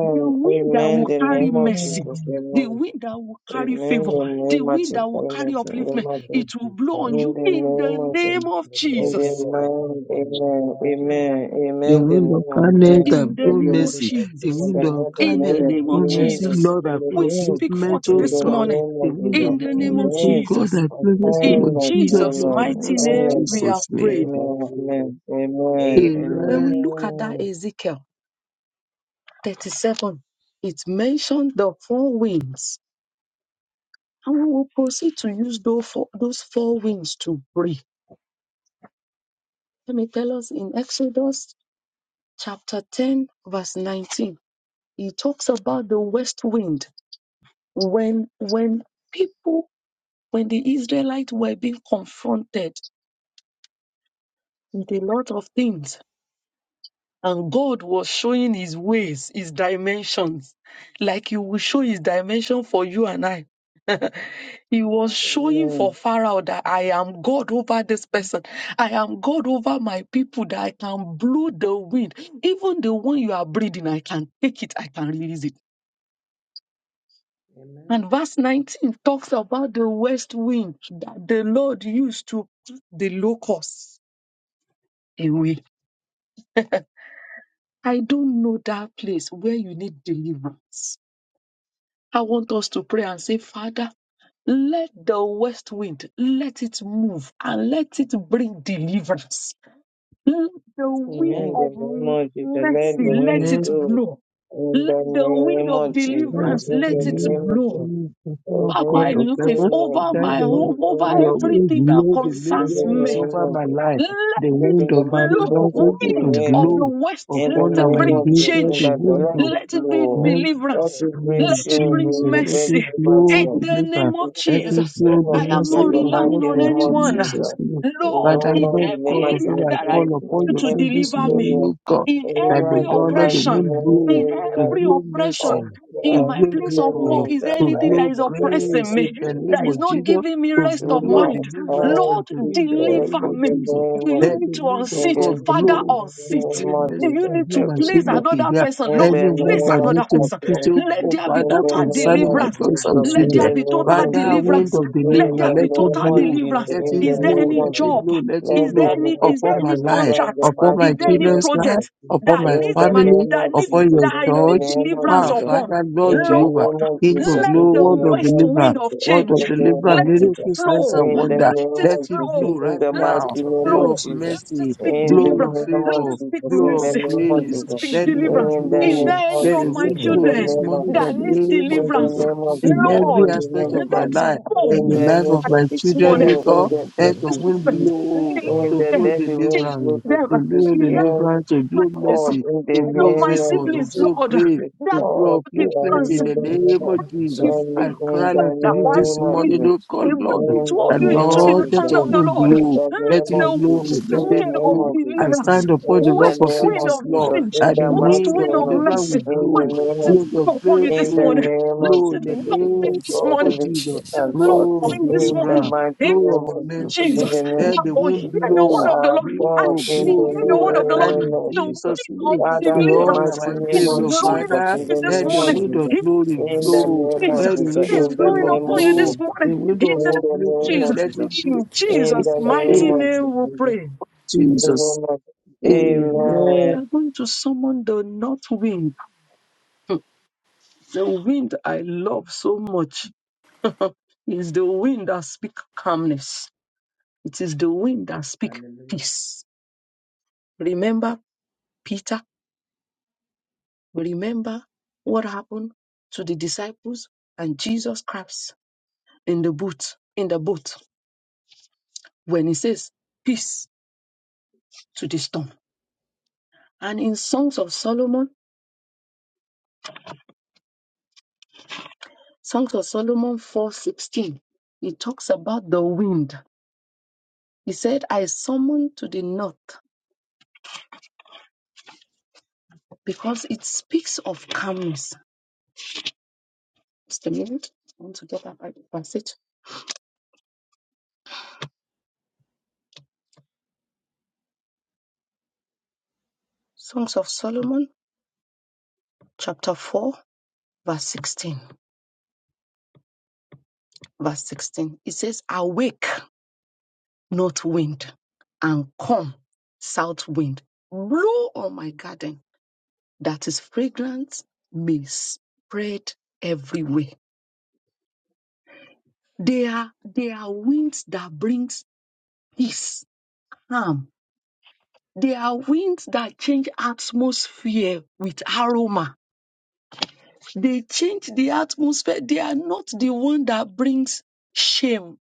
The wind that
Amen.
will
Amen.
The
carry
name of
mercy,
Jesus.
the
Amen.
wind that will carry
Amen.
favor,
The
the
name of
wind
Jesus.
that will carry upliftment,
Thank
Amen.
you,
it will blow
In the
on
Jesus.
you in the
name of Jesus.
name of
Oh,
In the
Jesus.
blow on us,
name,
Lord.
amen, amen,
The
amen, the
wind
name
of
of
kindness
You
man,
In
that
the
the
blow
name of
nothing,
spirit
mercy.
of
The
Jesus.
and
wind
the
goodness
of
not the
will
In
kindness
the
blow
name
that
of
name
blow
of
on us.
mercy.
Jesus,
Jesus.
Lord,
in
I
the
pray,
We
please,
name,
Thank
speak
you,
forth
merciful
in
this
the
God.
Jesus.
morning
name
The
of
The
wind of
in
Jesus,
the
in the
name
wind
of
kindness,
of
oh
name
God,
Jesus
that
kindness
of
blow
will
mercy.
blow
In
Lord
kindness,
Jesus,
on
Jesus'
blow
us.
on
O
mighty
us
In
in
the
name,
Lord,
we have
Jesus'
mighty
name.
kindness,
name
prayed.
of Jesus.
amen, amen,
When
amen,
Amen.
we look at that
Amen.
Ezekiel 37, it mentioned the four winds. And we will proceed to use those four, those four winds to breathe. Let me tell us in Exodus chapter 10, verse 19, he talks about the west wind. When, when people, when the Israelites were being confronted with a lot of things, And God was showing his ways, his dimensions, like he will show his dimension for you and I. [LAUGHS] he was showing for
amen,
Pharaoh that I am God over this person. I am God over my people, that I can blow the wind. Even the one you are breathing, I can take it, I can release it.
Amen.
And verse 19 talks about the west wind that the Lord used to put the locusts away. I don't know that place where you need deliverance. I want us to pray and say, Father, let the west wind let it move and let it bring deliverance. Let the wind
amen,
of
the name of Jesus, let
mercy
the
let
wind
Amen.
it
blow,
blow.
in
Let the
the
wind
name
of
of Jesus,
Lord,
deliverance
in
in
the
the
let it
name
name
of
of Jesus.
blow
Jesus,
of
Lord
over
God
my
Mary,
of
Queen
life,
heaven,
of
over
that
my
the
Amen.
the
home,
womb,
over
O Lord,
your wind
everything that
blow
in
concerns
the
deliverance
me.
name
over
Amen.
of
my
Jesus.
life.
Let
The
it
Deliver
wind
Praising the
of
mighty God,
blow
deliverance
Lord, be
over
us
to
wind of
blow
reign.
the west.
In the
Let
upon
it
our
name
bring
of Jesus,
endeavor.
and
change.
The
that the
wind
let it
Let it be
blow.
of
Let
deliverance.
it
name
bring
Let
of
it
shame,
bring
Jesus.
bring the
Let
bed
it
mercy.
over to
blow
them.
In
the
the
river.
name
In
of
the
Let
name
it
Jesus,
blow
of
I
the
am
Jesus,
mercy
not
in the mighty
on
relying
us
on
in
name of
anyone.
Jesus'
Jesus.
name.
We
Lord,
Father,
know
in
Lord,
Lord
the name
God,
every
of
of
area
whom
Jesus
I
that I need
call
in
upon
you
in
your
to
every
name this
deliver me,
morning,
area.
O God,
in
that
Area
the
every
the
Lord let the
mighty
wind
oppression,
blow,
in
to
name,
every
blow mercy,
oppression,
Oh,
in
to
well,
my
blow
in
place
the
of
favor,
work,
name of
is there
that
to
anything
life,
that
blow
is
in the name
oppressing
grace
me,
of
in the name
that
Jesus.
is
of
not
Jesus,
giving me
to
rest
You
of
blow
Lord,
mind?
deliverance
all
Lord,
unto me
this
in the
prayer in
name
deliver
of
me.
the
Jesus.
name
Do
of
you
the,
Let
need
the
to
wind of
in the
unseat?
name
God
Father,
blow, to
unseat.
blow
of
Do
mercy
the
you
and
need to
him and
Everest,
place another
she
person?
in
Lord,
the name
Anyone
place
that
of
another
needs to
person.
speak
Apple,
to
Let
go,
there be
in
Father,
the
total
name
concerning
of
my
deliverance.
thoughts and
Jesus,
Let
in
there
children.
the
be
name
total
of
Father,
Jesus,
wind
deliverance.
of
in
Let there
deliverance,
the
be
let it
name
total
of
blow,
Jesus,
deliverance.
let
in the
it
Is there
blow,
name
any
let
of
it
Jesus.
job?
blow, let it
Lord,
Is
blow
there
there be
any is there
upon
total
my
any
from
life,
deliverance, in
contract?
the
upon
mighty
my
Is there
name
any
of
children's
Jesus.
life,
project
upon
that
my
In
needs
the
my
family,
name
that
of
needs
upon your
Jesus,
that I
in the
need
church.
the
name of
deliverance
Ah,
Jesus,
evil
upon?
Father, Lord
in the
Jehovah,
Lord,
name of
King of
Jesus,
let
in
glory,
the
the
word of
name
west
of
wind
deliverance,
of
Jesus, in
word of
the
change
name
deliverance,
of
let it
miracle,
Jesus,
signs
flow.
and
one.
in the
wonder.
name
Let it
Let
of
it
Jesus,
blow
flow.
Look
in
right
the
Let
at
it
my
mighty
now.
name
Blow
of
video,
of
no,
Jesus,
Jesus.
let us
mercy,
the
speak
in the
blow of
deliverance.
name
Let
of
favor,
us speak
Jesus, in
blow
the
of
mercy.
name of
Let
grace
us
Jesus,
speak
let the wind
deliverance.
in the
Is
blow.
name
there any
of
Let
of
the
my
Jesus,
wind
in
blow
the
children
this
name
morning
of
by
Jesus,
that
the
needs
name
in
of
the
deliverance?
Jesus.
name of
In
Jesus,
every
in
Lord,
the name
aspect
of
of my
Jesus,
let's
life,
in
go.
in the
the name
life of
And
of
my
the
This
children,
morning,
Lord,
King, in
God,
the
let the
this
wind
morning, kneel
blow
in
to
the
them,
blow
name of
deliverance,
give
to
them,
the
blow
give them
King,
deliverance, to
my
blow
life.
Lord,
mercy,
in the
to
Give up
blow
my
name of
favor, to
siblings,
Jesus.
blow
Lord.
grace,
Yes,
to
That
blow
Lord, you are
upliftment
in
deliverance
in the
the
is
name
Lord.
of Jesus.
you.
And
I
feel
in the
cry unto
That
you
one
this
name of
morning,
me
Jesus.
Lord,
they
God,
bring
Lord,
the
In
two
the
of
that
you
name
into
of
the
Lord, let
hand
Jesus.
your
of the
wind
Lord.
In
blow.
the
Let
Let
name
it
the
of Jesus.
blow,
west
In
let
the
it
wind
name
of
blow.
of Jesus.
I
deliverance,
stand upon the
In
rock
the
west
of
name
wind
of
ages,
of
Lord
Jesus.
change,
In
that the
the
west
mighty
wind of
wind
name
of
of
deliverance
Jesus.
mercy,
In the
will
name
let
of
it
blow,
Jesus.
blow
blow
of
upon you
In
this
the
morning.
breakthrough,
name
Let
of
blow in
it
the
blow
Jesus,
upon
we
name
thank
you this
God
morning
in
of
the
Jesus,
name
in
of
little
God.
blow of
time this
In the
morning.
deliverance,
mighty
in
blow
name
of
of Jesus, in
mercy.
Jesus,
the name
Let
that
the
will
wind
hear the
we
blow,
word of the
are
Lord, and
God
blow,
if
Shit,
we
in
blow,
the
hear
blow,
the word
right
of the
now
Lord,
name
in
of
the wind
Jesus.
Jesus'
of
name.
Father,
In
in the
all
deliverance
mighty
our
I was
name
is
days,
of
so
Your
tired.
blowing up
Jesus,
Father,
in
you
the
this
let
name
the
of
morning.
wind of
Jesus,
In
glory
I was
in the
so
blow,
name of
let the
Jesus,
Jesus,
wind
tired.
is
in
of
the
blowing
favor
name
upon
of
you
blow,
this
Jesus,
the
morning. In
wind
the
of
name of
in the name
upliftment,
of
Jesus,
let
Jesus,
it blow.
in
In
in
Jesus'
the
and
the
name
name
mighty
of
of
name, we
Jesus,
pray.
in
Jesus. Amen.
the name of
We
Amen.
are going to summon the north wind, the wind I love so much. [LAUGHS] is the wind that speak calmness. It is the wind that speak
Hallelujah.
peace. Remember Peter will remember what happened to the disciples and Jesus Christ in the boat, in the boat when he says, Peace to the storm. And in Songs of Solomon, Songs of Solomon 4:16, he talks about the wind. He said, I summon to the north because it speaks of calmness. Just a minute. I want to get that Bible passage. Songs of Solomon, chapter 4, verse 16. Verse 16. It says, Awake. north wind and come south wind blow on my garden that is fragrance may spread everywhere they are they are winds that brings peace Harm. they are winds that change atmosphere with aroma they change the atmosphere they are not the one that brings shame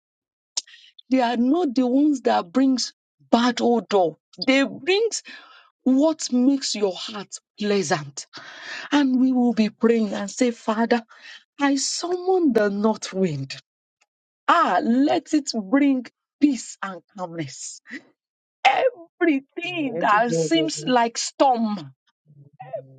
they are not the ones that brings bad odor they brings what makes your heart pleasant And we will be praying and say, Father, I summon the north wind. Ah, let it bring peace and calmness. Everything
Let it
that
be with
seems
you.
like storm,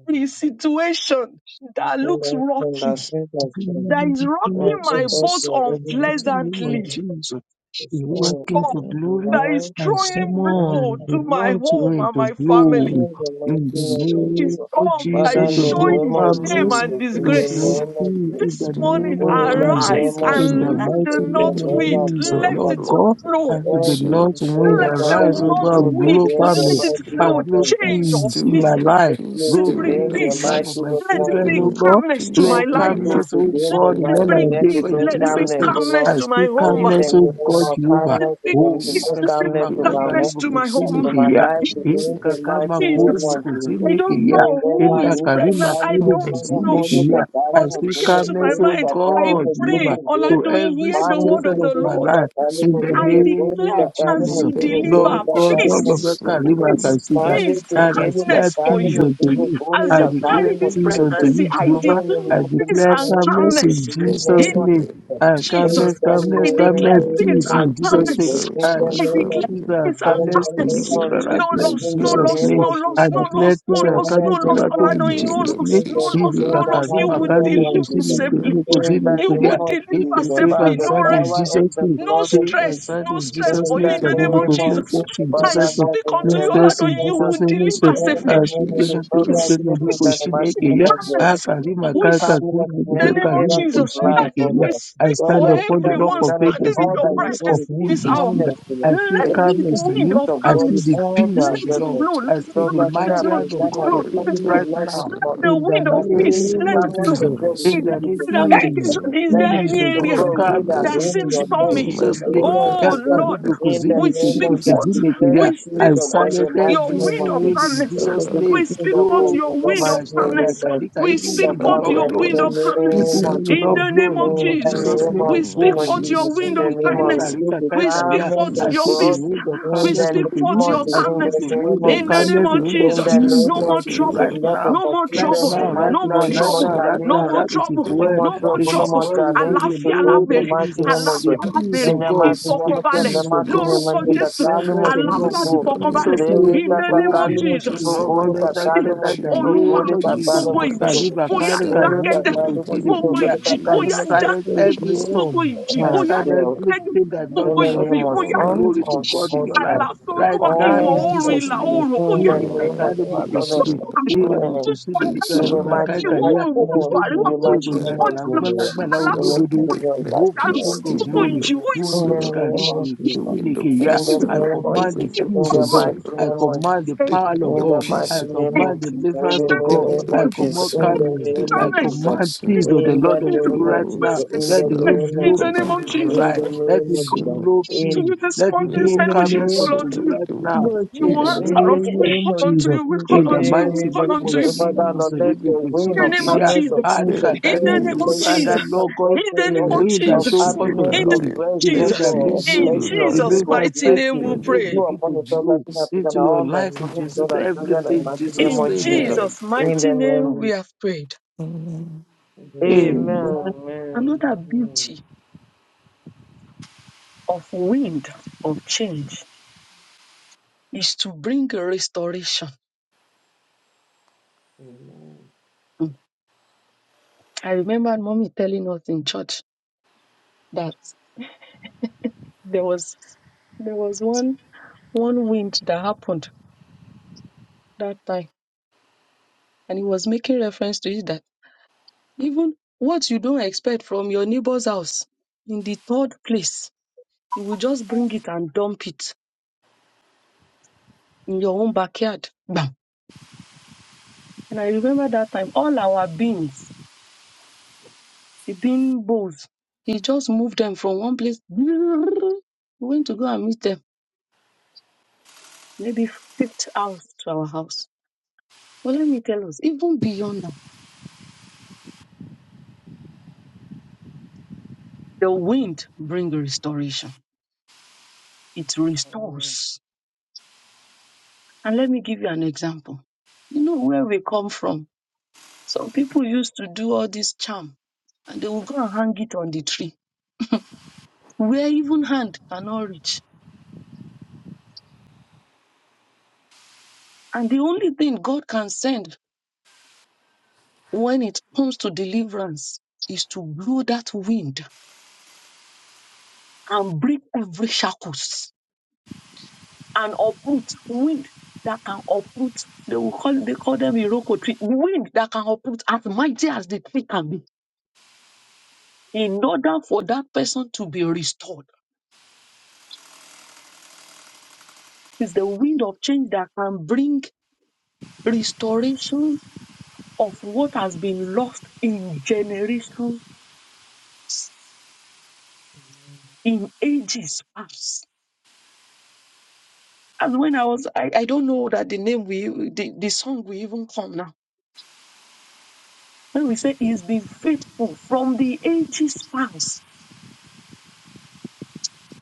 the situation that
In
looks rocky,
the name of Jesus.
In
that is
the name of
rocking
Let's look
my
at
Jesus,
boat
the
the
other
mighty
people.
name of
unpleasantly,
Jesus,
The
you work
storm.
or
into glory
that is
Now,
and
and
throwing
now,
blow
someone the
to my
Lord's
home
way
and
to
my
blow.
family.
in the mighty
In the
Peace,
name
The
of
name
God.
of
storm that
Jesus,
Father,
is
in
to
the
blow
doing
name
showing
of
shame
families,
the
and
Jesus, in
to
the
peace,
name
disgrace
blow
of
peace
Jesus,
in
This
the
morning,
name of
in the
Jesus.
arise
name of
In the
and let
Jesus,
the
mighty
in the
name
north
of
name
wind,
of
Jesus,
let
Lord
it
Jesus,
God,
flow.
and the
Lord, we pray,
Lord's wind that
Let the
Lord,
rise
we
north
over
pray
and
to
wind,
the
blow
end of the
family
let it
mighty
and
name
flow.
doing the
of
blow
God.
Change
peace,
of
peace in
peace.
my
doing the
life,
Let's go
peace,
Let
blow
it
to
bring
them,
peace in
the
the
peace.
mighty
life of my
name
Let it
of
children,
bring
Lord
Jesus.
God.
calmness to
Let
my
Blow
it
doing
life.
go
the
calmness,
to
oh
peace,
them,
Let
the
God, in
make
it
all
mighty,
bring
our
let
day,
calmness,
it
God,
peace.
in
bring
Let
doing
it
the
bring
Jesus'
calmness,
name.
O
peace,
calmness
I
Lord.
to my
speak
make
home. Let
In the
calmness, oh
name
God,
calmness,
of
Jehovah.
it
calmness, in
bring
the name
Holy
peace.
peace,
of
Let it bring
calmness
Kashima
to
Kai
my
doing the
home,
darkness
Karibu
to my
peace,
Kushini
to
home.
my
doing
Kia.
life, to
calmness,
Hili
them, the
that's
Kakai
mighty
Makuru
name
Jesus,
of Jesus.
I
Bukuzini
don't
Kia.
know
In the
who
Inda
is
name
Kari
of
pregnant. I
the name
Makuru
calmness,
don't
in the
know.
of
Bukuzini
glory
Kia.
of
Jesus.
For
I
calmness,
this
speak
in
came
the
to my
calmness,
glory
oh
mind.
of
I
God,
calmness, in
pray,
Jehovah,
the glory.
to
Oladoyin,
every
hear the
Mani
word
let
ke
situation
of the
of my
tele
Lord.
ka
life.
It's
kali
In the
masin
true.
I
do
name
goli
declare
ka
of
kali
as
In
Jesus.
you
the
masin do
name
Lord
goli
deliver
of
ka
God,
kali
all of
peace,
us,
Jesus, I
masin
do
Karima
remember
peace,
Kasida.
this.
Mande
peace,
And I
kekele
declare
calmness for
katali
peace
you.
unto
motungo
you.
bole
As
I
you
katali
declare
carry this
In the
peace
motungo bo.
unto
name
pregnancy,
you,
I
Jehovah.
In the
declare
I
mighty
peace
declare
name
and
of
calmness
calmness.
in
in
Jesus'
in
the
name.
name
Jesus,
of
I
Jesus,
in
Jesus,
calmness,
the
I
calmness,
declare
calmness,
let the
peace
name
peace
wind
of
in
and
of
Jesus'
peace
name.
calmness.
blow
Jesus,
into
I
my
I
declare
declare
peace
family.
and
peace and
calmness to
Let the
you
calmness.
wind
people
of
right
No
now
peace
in
loss,
in
no
the
blow.
Jesus'
loss,
name
name.
no
of
I
loss, no
Jesus,
declare
loss,
in the name of
peace
no
and
in
loss,
the
no
calmness to
loss.
Lord
name of
Let
in
the
Aladoin,
wind
no
Jesus'
Jesus,
of
loss,
name.
in
no
the
peace
He is
loss, no
name of Jesus, in the name of Jesus, in the name
a
blow.
of
loss. You
Let the
Karima
mighty
will
wind
name
Karima
of
of
to see
deliver
peace
me
Jesus,
to
blow.
safely.
me to see
in
me
the
You
to yeah.
name
will
of
He
Jesus,
deliver
can save
by
safely.
and
the
No
sound in
rest,
power and
Jesus'
the
name.
no
blood
Save
of
and
Thank
stress,
Jesus.
sound
no
in
stress
Jesus'
In
for
name.
you
Let
the
in
the
the name
Karima
wind
of
of
to
name
see
of
Jesus.
peace
first
the
in
blow.
I
Father,
Jesus' name.
Lord,
speak
in
unto
Make
the
you,
mighty
first in
Aladoin,
name
you
of
Jesus'
will
name. Make
Let the
deliver
first.
Amen.
wind
I
safely.
of
speak to
peace
the people
Lord
to
God,
blow.
Peace,
we
the
thank you
people to
for
peace,
the
see
mighty name
me.
of
Peace
God.
blow.
calmness.
You
Akarima
keep
We
kaka
calling us
kurubu
in
the
kuke
every
name of
area of
karimu
Jesus.
kushini
life,
That if
oh
kia.
we
Lord.
I
speak
Lord,
stand
for
Lord, you
upon the
have
rock
everyone
of
done it in
ages
standing in
in
all
your
the
that we
rock of
do.
presence
Receive
this hour.
Urubushina.
calmness, oh Lord.
I feel
Let the
Receive the
calmness to
wind
you.
peace
of
of
I
God
see
in
armies
the
all
peace
let
of the
that
it
Lord.
we
blow, let
I
do.
it
see
Lord,
the
Lord, you have
mighty
blow, let
hand of
it
presented
God
us
blow, let
Let
it blow,
it
upon
let
speaking
it
you
to
come
your
blow.
right
life this
now.
Let
myself.
morning.
the
In the
wind of
That the
Let
peace,
peace
the
name
let
it
of
it
calmness
blow.
of
Jesus.
become
God
In
Is there
receive
the
with
name
myself.
the
any
mighty.
of Jesus.
ramification?
In
Is
Amen.
Let
there
the
Peace
any
the
peace
of
area
of
area
God.
the
of
name
God
my
rule and
Calmness
that
life.
reign
unto
in
seems
you
your
in
hearts
in
in
stormy?
my
the
Jesus' name.
name of
Oh
borders,
Jesus.
in
Lord,
the
Yakaribu
In
name
the
kuzini
we
of
name
kiri
speak
of
Jesus,
that,
forth,
kuzini
declare the
kia.
we
in the
peace
I
speak
name
of God,
forth
the
silence
your
mighty
every
name
of
wind
of
of
God.
wind
peace,
in
calmness.
It's a
Lord,
Jesus'
the
name.
Lord,
We speak
kingdom,
forth
Oh,
this is
your
the
wind
peace
mighty
Sheba,
of
in my
name
Sheba,
of
calmness
home,
God.
Karika,
we
evil
peace
speak
So
in
wind
my
will
come
forth
not
in
your
blow on
wind
borders,
the
of
you. Evil
calmness
peace
name of
wind
at
will
in
not
Jesus.
work,
the
blow
name
on
oh
you
of
Lord,
in
In the
Jesus.
in
Jesus'
the
name
name.
of
We
name
speak
of
Oh,
name of
forth
Uribo,
Jesus,
Jesus.
your
In
wind
the
of
Shine,
name of
Karika,
kindness.
oh
Jesus.
Rika,
Lord,
The
We
Kaita,
speak
yeah.
calmness
forth
I
of
your
feel the
peace,
God.
peace.
Lord,
wind of
In
We
calmness
the
speak
name
speak
unto
of
forth
you.
of
your
Jesus.
I
peace,
In the
feel
calmness
the
name
wind
of
of
in the
Jesus.
peace, oh
name
calmness, the
of
Lord,
wind of
In the
Jesus.
peace
peace
name
No
of
more
like
unto
a
you
Jesus.
trouble.
right
river,
Let
now.
us
No more
Right
fulfill
peace,
trouble.
oh
the
now,
Lord,
right
mighty
No more
now,
name. No
right
peace,
more
oh
now,
trouble.
Lord,
right
No
now,
more
challenges.
right It is
trouble.
in the
No
where,
more
No
name of
more
it
trouble. No
is
more
trouble.
Jesus.
where we feel
challenges
the
Àlàáfíà la
today. In
name
the
béèrè.
of
mighty
Jesus,
name of
Peace,
the
God.
Àlàáfíà la
peace
peace,
béèrè.
In
of
the
God,
mighty
of
peace,
the
name of God. In
Ìfọ̀kànbalẹ̀
the
peace,
peace of
mighty
God,
name
peace,
lórúkọ
of
the
God.
Jésù.
peace,
calmness
Kalimu
of God
Àlàáfíà
peace.
ti
in
singugu.
Lord,
fọkànbalẹ̀
in
Jesus'
the
the
let
name.
life of
Lewe
in the
kaka
name
Oh,
others,
of
we
Lord.
kalimu
pursue
Jesus.
the
Peace
singugu.
Lord
in the
all
of the
that
lives
I
of
said
my
Kalimu
that in the
children.
Olúwa,
you.
name of
singugu.
Jesus.
Peace in
gbogbo
Kalimu
my
ìjì,
singugu.
life.
Kaviva
ó yá
Peace that
Karika
Glory
I'm
Thank
to
dákẹ́dẹ́.
Huriba
you
God,
dreaming
we
for
must give
them.
God.
Gbogbo
Kushinikiya.
Glory to
ìjì,
Peace
I
ó
God, we
yá
must
silence
give
thank
dákẹ́dẹ́.
every
you
Gbogbo
storm.
ìjì,
you,
I
ó
and
yá
God,
silence
God.
for
dákẹ́dẹ́.
your
everything that Lord
In
Gbogbo
love.
will
the
not
name
ìjì,
be-
of
ó yá
all
bring
around.
We
Son
glory
thank
to
of
you,
the
dákẹ́dẹ́.
Peace.
God in
Most
your
Jesus,
life.
High,
for
Àlàfo
your
Right
Olúwa,
now
ìwọ̀
kindness
in
all
and
oòrùn
your
Peace.
of
Jesus'
ìlà
mercy.
name.
you,
oòrùn, ó
in
yá
the
Hili
All
name of
around.
kakari
We
the
Peace.
Father
All
and
burukushini.
kọjá lọ.
the
Hili
Thank you,
around.
Amen.
burukushini
Jesus,
Peace.
for
bika
All
In
all
the
the
lima
around.
mighty
kaika
Ìwọ̀
kindness
name,
ya.
oòrùn
and the
gúúsù
in
Ibe
àríwá,
the
ó
In
bilikwe
yá
mighty
the name
name
Thank
goyani
of
you,
kọjá lọ.
langba
of
Jesus,
langba
Jesus.
la
Àlàfo
Jesus,
in
I
Olúwa,
unododo.
ó
the
yá
Thank
name of
declare
Jehovah
you,
kọjá lọ.
God
Jesus.
peace.
King
The
of
Gbogbo
wind
Glory.
of
ìjì, ó
Hallelujah.
yá
Who
in
peace.
the
needs
name
Lord.
karibu
of
Thank
The
Jesus.
you,
wind
burukushini
of
God.
kiya.
In
Lord,
peace.
the
for
I
Lord.
your
name
The
of
love.
command the
wind
Jesus.
of
peace
In the
of
kọjá
God.
peace.
mighty
We
Lord.
I
name
thank you
of
for
command
the
the
Jesus.
The
power
power
wind
of
of
In
your
of
the
God.
peace.
I
mighty
Jesus'
name
lọ.
command
name.
deliverance to
The
God.
Thank
wind
you,
of
I
of
Jesus,
Jesus.
for
command
peace,
your
you
In
love.
know.
the
calmness.
The
name
I
of
wind of
Thomas,
Thank
Jesus.
you,
command
peace, you
peace
know.
of
Jesus, for your
the
In
love.
the
Lord unto you
name
Thank
of
right
Oh,
now.
Jesus. In
it's
Let
the
the
now.
wind
name of
in
blow
the
Go
Jesus.
name
peace
of
in
for
your
you,
Jesus,
In the name of Jesus. In
Jesus,
life.
the
for
Let
name
it
of
peace, you
Jesus.
know.
blow
to
In,
your
peace.
love.
you this
Let
morning,
it
you
Wind
blow
in
of
said
the
we should
name of
calmness
Jesus.
peace, you
call
unto
on to
know.
you
you.
right
Give
The
me
now.
wind
the
of
Lord
In
You
Jesus,
the
puzzle
peace,
answer
you
in
of
name
the
know.
your
us. We
name
call
of
on
mind.
to
Jesus.
Jesus,
you. We
in
It's
the
In
But
call
the
on
the
to
the
you.
wind
We
mighty
name
of
call
of
name
on
Jesus,
to
of
you.
And
peace, you
Father,
know.
ease
Jesus,
Lord,
of
The
you
let
go
your
wind
the
to
of
In
see
mind.
wind
the
the
of
name
peace.
of
Kenya.
calmness, of
Make
Jesus.
Ah,
it
you
peace,
Let
can
the
of
safe.
In
carry
the
joy,
the
You
name
will
pursuit
of
be
of
blessing,
that
of
Jesus.
peace.
Lord God,
In
comfort, O
the name
a
Lord,
of
Let
wind that
of
peace
show
Jesus.
forth
rule
happiness,
of
In
down
the
of
glory,
name
there.
of
rest,
the
Let
O
wind that
Jesus.
Lord,
bring
of
peace
In
glory,
rule
blessing, of
the
down
Jesus'
there.
wind
favor, of
that
mighty
praise to
name
mercy,
we
your
In the
name,
pray.
you
name
begin
upon
of
to
the soul,
blow
blessing, I
Jesus.
present
into your
all my
life, in
children,
able
Jesus,
God,
to
and children, and
everything,
my name
Jesus,
In
of Jesus.
amen.
Jesus'
In
mighty
the
name we
name,
have prayed.
Amen.
Amen,
Amen. Amen.
Amen.
Amen.
Amen.
Another beauty of wind of change is to bring a restoration.
Mm. Amen.
Mm. I remember mommy telling us in church that there was there was one one wind that happened that time, and he was making reference to it that even what you don't expect from your neighbor's house in the third place, you will just bring it and dump it in your own backyard. Bam. And I remember that time all our beans, the bean bowls, he just moved them from one place. [LAUGHS] He went to go and meet them maybe fifth house to our house. Well, let me tell us, even beyond that, the wind brings restoration. It
Amen.
restores. And let me give you an example. You know where we come from. Some people used to do all this charm and they will go and hang it on the tree where even hand cannot reach. And the only thing God can send when it comes to deliverance is to blow that wind and break every shackles and uproot wind that can uproot. They will call they call them Iroko tree. Wind that can uproot as mighty as the tree can be. In order for that person to be restored, it's the wind of change that can bring restoration of what has been lost in generations, in ages past. And when I was, I, I don't know that the name we, the, the song we even now, when we say he's been faithful from the ages past,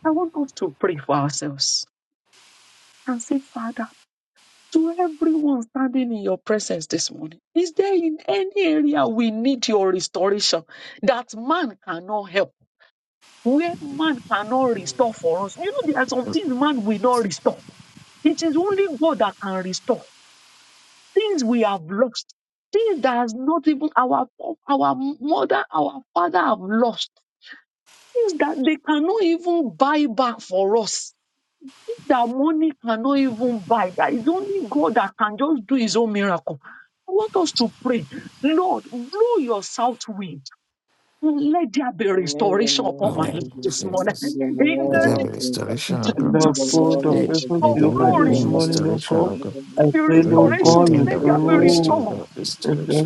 I want us to pray for ourselves and say, Father, to everyone standing in your presence this morning, is there in any area we need your restoration that man cannot help, where man cannot restore
Amen.
for us? You know, there are some things man will not restore. It is only God that can restore things we have lost, things that has not even our our mother, our father have lost, things that they cannot even buy back for us that money cannot even buy, That is only God that can just do his own miracle. I want us to pray, Lord, blow your south wind. Let there be
Amen. The
restoration
name
upon my
of
Amen.
life
Jesus.
this
In
morning. In
Jesus.
the
the
Let
name
name
there be
of Jesus.
restoration, O God.
of
from
Lord
the
Jesus,
God
Lord
of
of
Hey,
the
heaven,
Let
of
be
the
South,
over
from
wind
the
this
glory,
bring
Lord of the
morning, Lord
restoration,
God.
O
from
God.
the
I
the
For
pray, Lord
every good
God,
restoration,
thing
you
that
let
we
there
have
be
Lord
lost
of
blow
to
restored.
Lord,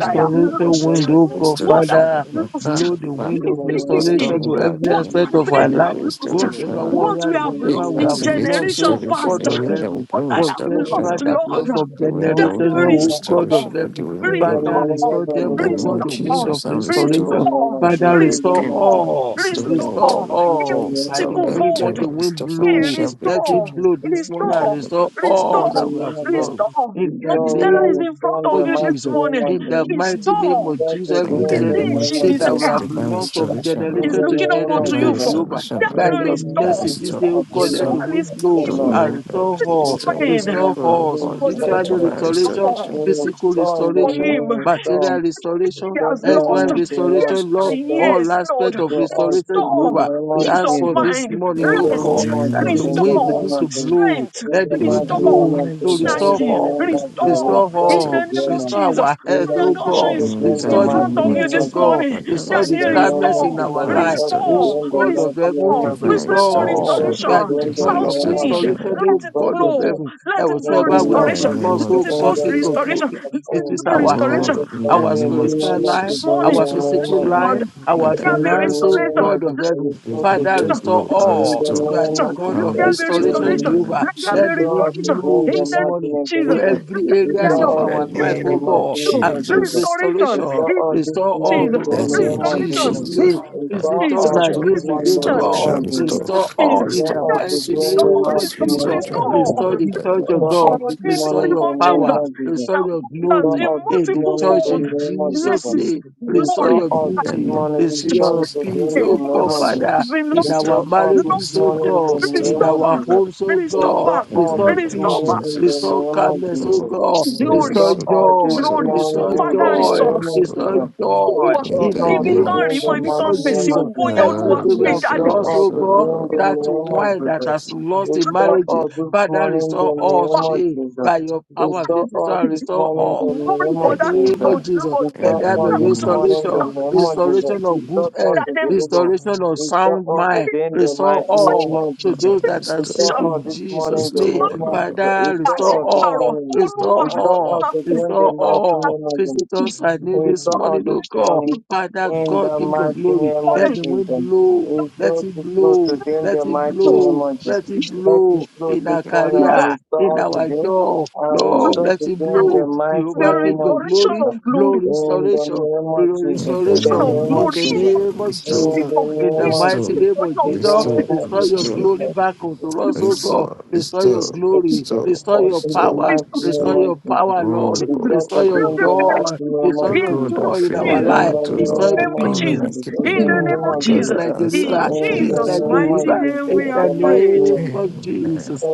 I
Lord,
have
from the
lost
wind,
Lord of
Lord,
oh
the
God,
what I
restoration,
Father,
Amen. Amen.
Lord. Ah,
lost
ah,
blow the
Father,
wind
from
of
the
Amen
Lord of
restore
restoration
the
me
mistakenly,
to
back,
every
Thank
from
what
Lord.
the Lord
my
aspect
of
of
the
our
Let
parents
there
have
life.
be
lost,
restoration,
Whatever
oh Lord.
what we
warrior,
have
from the Lord of the
We
whatever
lost
we have
in
activate
lost,
generation
oh
restoration,
past,
God
the
of
from the Lord
wind
of
that will
heaven,
what
bring
I have
whatever
restoration,
lost,
oh
that
Lord.
from
Lord,
lost
the
from
South,
The wind that
that
will
generations,
you
bring
oh God of
restoration,
restore,
let the
heaven,
wind
from the
blow, Lord.
Father,
Lord of
restore,
restore
the
them,
In the
oh
name
God,
of
the
from
wind
restore,
of
Jesus, and restore
the Lord of the from the Lord of the from the
restoration.
Lord of the
Father,
from the
restore
everything, oh
restore,
Lord.
restore,
all,
Restore
Lord
health, oh
restore
restore,
Lord.
in
all. By
of
the
Restore
multiple
the
health,
from the Lord of the from the Lord of the from the Lord of the
wind,
oh
let
fold,
the
from
Lord.
wind
Restore
yeah,
blow,
financial
let
breakthrough.
restore,
it blow this
you.
In
morning
the
and
name
restore,
restore
of
all
Jesus.
restore,
that we have lost.
restore.
In
Mommy
the
Stella is
name
in front of
of
you this
the
Jesus.
Lord
morning.
of
In
the
the mighty name
Restore.
of Jesus,
Santo
In
every
the
The
Deus do
generation
name
thing
of
she
that we
Jesus,
mundo,
have
desire
divine
em
lost from
restoration, O
is
Lord.
generation to
looking up unto
divine
you
generation,
for.
nome
Jehovah,
restoration, O
That
by
Lord.
Lord
will
your
of
Uh,
restore.
mercy,
God,
this
restore,
day, oh
God,
God,
The
let
restore,
the
Lord,
one
Father,
wind
is
I
blow
kind of
praying
Lord,
bless
and
oh
my
Lord,
restore
this
all,
in
children,
restore,
the
like,
morning
name
restore
of
go
they
all,
upon
Jesus,
me
still
for the
for
Lord,
spiritual
every time
Lord,
divine
my
restoration,
Lord,
restore.
restoration.
the
situation,
physical
for
Lord,
and
restoration,
you
him
know,
Lord,
you
material
God,
restoration,
he
can
has
get
them
them,
lost.
you
earthwise
into love,
Yes,
restoration,
I
Lord,
know,
God,
and and
them
all
yes, Lord.
aspects of
to
so,
us
restoration,
in
you
the
Restore
Jehovah.
know,
name
We
of
peace
ask
of
any
for
Jesus,
this
mind,
person that is
morning,
In
in
O
the
so,
the
God,
rest,
name of
name
that
Jesus,
the
in
of
the
so
wind
restore
name
begin
Jesus,
to
of Jesus,
blow,
strength,
in
let
the
the
in
mighty
wind
low,
the
and
blow
name
restore
of
you
name of
to
Jesus, in
restore
Jesus,
the
energy,
all,
name of
divine
can
Jesus, we
never
restore
restore
get it,
start
in
all
to
the
you know,
name
restoration.
blame
of
but
them,
Restore
it's
Jesus.
our
in
health,
When
oh
the
not
respect
Adosho
God.
to
to
is
be
In
blame
the
the
in
Restore the
with
mighty
front
name
of
of
you
them,
peace,
name
oh
of
this
Jesus,
but
Jesus.
God.
morning,
it's,
Father,
Restore
In
the
Daddy,
the
restore, O
it's,
Lord.
name
calmness
you
of
know,
in
restore,
Jesus,
our
divine
life.
respect it
Oh
restore,
restoration,
in the
God
it's,
of
mighty
you know,
heaven,
name
restore.
of
you know,
Jesus.
We
divine
it's
pray for
really
restore.
restoration,
good,
Respect
O
You
it
Lord.
are
and
restoration.
the
in the
God
divine
South
of
it's, you
name of
wind,
know,
restoration.
restoration,
O
you
Jesus.
Lord.
know,
let
you
oh
it
Respect
God
know,
of
it
blow,
heaven.
it's
let
That
it
in
blow
the
whatever we
In
so
have
name
the
restoration,
of
name
Jesus.
lost,
let
of
oh
it
In
blow
God,
the
King
well,
Jesus.
of
name of
restoration,
glory,
let
it
it
is
blow
Oh
our
Jesus.
health,
restoration
Lord, in
Respect
the
our
it
name
in
of
the
spiritual
name
life,
Jesus,
our
morning,
restore,
physical
of
restore,
Lord,
life,
Jesus.
let
our
Father,
In
there be
the name of Jesus. In the
finance, oh
restore,
restoration.
name of
God
Jesus.
of heaven.
the
Respect it
wind
Father,
to
restore
blow, I'll
in
all.
restore,
You are the
Restoration.
the
restoration.
God
Let
i
of
there be
restore
name of
restoration,
in
Jesus.
the
restoration.
name
Jehovah.
of
Let there
We
be
Let
Jesus.
the
start
wind
out to
restoration. In
blow
bring
the
the
this
name of
mighty
morning
name of
to
Jesus,
Jesus.
let
every
there be
We start
areas of
In
dialogue.
out
the
to
our life,
bring the
oh
name of
mighty
God,
name
You,
of
and bring
Jesus.
Jesus,
We
restoration.
restoration.
start
In
out this
Restore all
morning
Jesus,
in
to
the
the
us in
name
name
of
of
restoration.
Jesus'
Jesus.
Jesus,
name.
In
We
Father,
Visit
start
us
Jesus,
out
and
this
use
morning
again,
the
restore,
restoration.
name
God.
restore, restore,
of Jesus.
restore,
Restore
In
We
all
Jesus,
in
restore
start
the
out
that
to
peace,
mighty
bring
restore,
restore
the
name of
peace,
mighty
restore,
restore
Jesus.
name
joy,
of
restore.
Jesus.
Restore
in
the
the
We
name
church of
of
start
God.
out
Restore. In
this
the name
Jesus,
Restore
morning
your
the
of
name
power.
of
Jesus,
Jesus.
in
Restore your
We
abundance,
start
glory
in
out this
in the
multiple
morning
church
the
fold,
in
name of
Jesus'
Jesus.
blessings,
name.
We
Restore
start
glory,
your
out
in
this
the
beauty.
name
Thank
morning.
of
We
you.
Restore
It's
your
start
Jesus,
to
Father,
peace,
bring the
oh
been
name
God,
of
restore,
Jesus.
Father, in
We
lost.
restore,
our
start out this
Lost.
marriages, oh
restore,
morning the
God,
It is
in
name
restore.
of
stolen
our
back.
Jesus.
homes, oh
It is stolen
God.
Restore
back.
the
all
Restore
It
this
name
is
of
stolen
peace
morning
back.
in the
Jesus.
Restore
name of
calmness, oh
Jesus.
Oh,
God.
Restore
Glory.
Restore
us,
Restore
O
all
Lord.
this
joy.
Restore
Glory.
us, O
morning
Restore
in
Lord.
Father,
the
joy.
restore
Restore
name
back.
us,
of
O
Restore
Lord.
Jesus.
joy
Olúwa,
In
Restore
in
the
the
all
ibi
name
name
tán
of
today
rí
in the
mọ́, ibi tán
mighty
of
gbé
Jesus.
sí,
name
Jesus.
of Jesus.
ògo yẹn Olúwa
Lord,
Everything we
gbé
have
jáde.
Restore
restore
lost,
us
us,
oh
O
God,
again the
that
Lord.
name
In
of
the
wine
name
that
of
Jesus.
has
Jesus.
lost in
Restore
Lord,
marriages,
us this
Father,
morning
restore
the
all
name
back.
of
today
Jesus.
by your power.
Restore
Visit
us
and
this
restore
morning
all
the
Glory
name
the
for
of
that
name
Jesus.
Father,
of
child,
Jesus.
Lord.
Let
in
Restore
there
the
be
us this
name
Child,
of
morning the
restoration,
child.
name
Jesus.
of Jesus.
restoration of good
Restore us
health,
That they
today, O Lord.
restoration of sound
Restore us
mind.
bring
today in the
Restore
mighty
much
name
all
of
to
Jesus.
those that are
Restore,
sick
shall
Restore us
in
this morning
Jesus'
the
restore,
name.
not
O
name of
Lord.
Jesus.
Father,
pass.
restore
Restore
it.
us this
all,
morning.
We
restore
Olúwa,
still
Restore
all
all,
us
Amen. thank
again the
you,
restore
mighty
Jesus,
all.
name of Jesus.
Visitors
for
I need
We
this
saw all
morning, oh
this
God.
morning
Thank you,
Father,
in
for
God,
the
your
King of
forgiveness.
mighty
glory,
name of
let
intervene.
the
Thank
wind
Jesus.
you,
blow,
Jesus,
We
for your forgiveness.
let
Restore
it
to blow
blow,
today
Thank
in
let
the
it
you,
mighty
Jesus, for
Oh,
name
blow,
of
your love.
Jesus.
let it
Let us
blow
blow
in
this
our
you,
morning and
career,
Jesus,
Jesus,
in
restore us
for
our
today.
your
job.
And
Lord,
restore
let
today
it
in the
blow
mighty
the
Jehovah
name
King
of
of
restoration
Thank you, Jesus, for
glory,
Jesus.
of
your
blow
glory,
In the
restoration,
name of
blow
Jesus.
In the
In the
son
restoration
of
name
name
of
of
in
glory,
the
in
Jesus.
love.
name
Jesus.
of
your
In
Restore,
Jesus.
season
the
of
In the
name
we
of
mighty
restore,
Jesus.
name
for
of
your
In
Jesus,
restore,
testimony,
restore
the
your
restore,
name
glory back
of
unto
the
us, O
Thank
Jesus.
God.
you,
restore,
Restore
Jesus.
your
restore,
God,
glory,
We
restore,
still
restore your
all
in the
restore,
thank you,
power,
praise
mighty
of
name
restore
Jesus,
restore.
of
your
for
Jesus.
power,
Oh
Lord.
Jesus,
We pray
in
Restore
God,
today
your
your
in the
joy,
mighty
the
name
The
of
restore your
name
God I
Jesus.
joy
of
in
feel
our
it
Jesus,
In
life.
not
the
to know,
Restore
the
name
name of
of
peace,
covenant
Jesus,
Jesus. In the
keeping
in
Thank you,
the
God,
peace,
name
name
the
of
of
God
peace
Jesus,
that
like
Jesus.
a
answer
in
river,
the
In the
peace
Jesus'
prayers.
like a
Jesus,
of-
name of
mighty
river.
Jesus.
for
name
In
we
In
the
have
the mighty
prayed.
name
name.
of
Amen.
Jesus.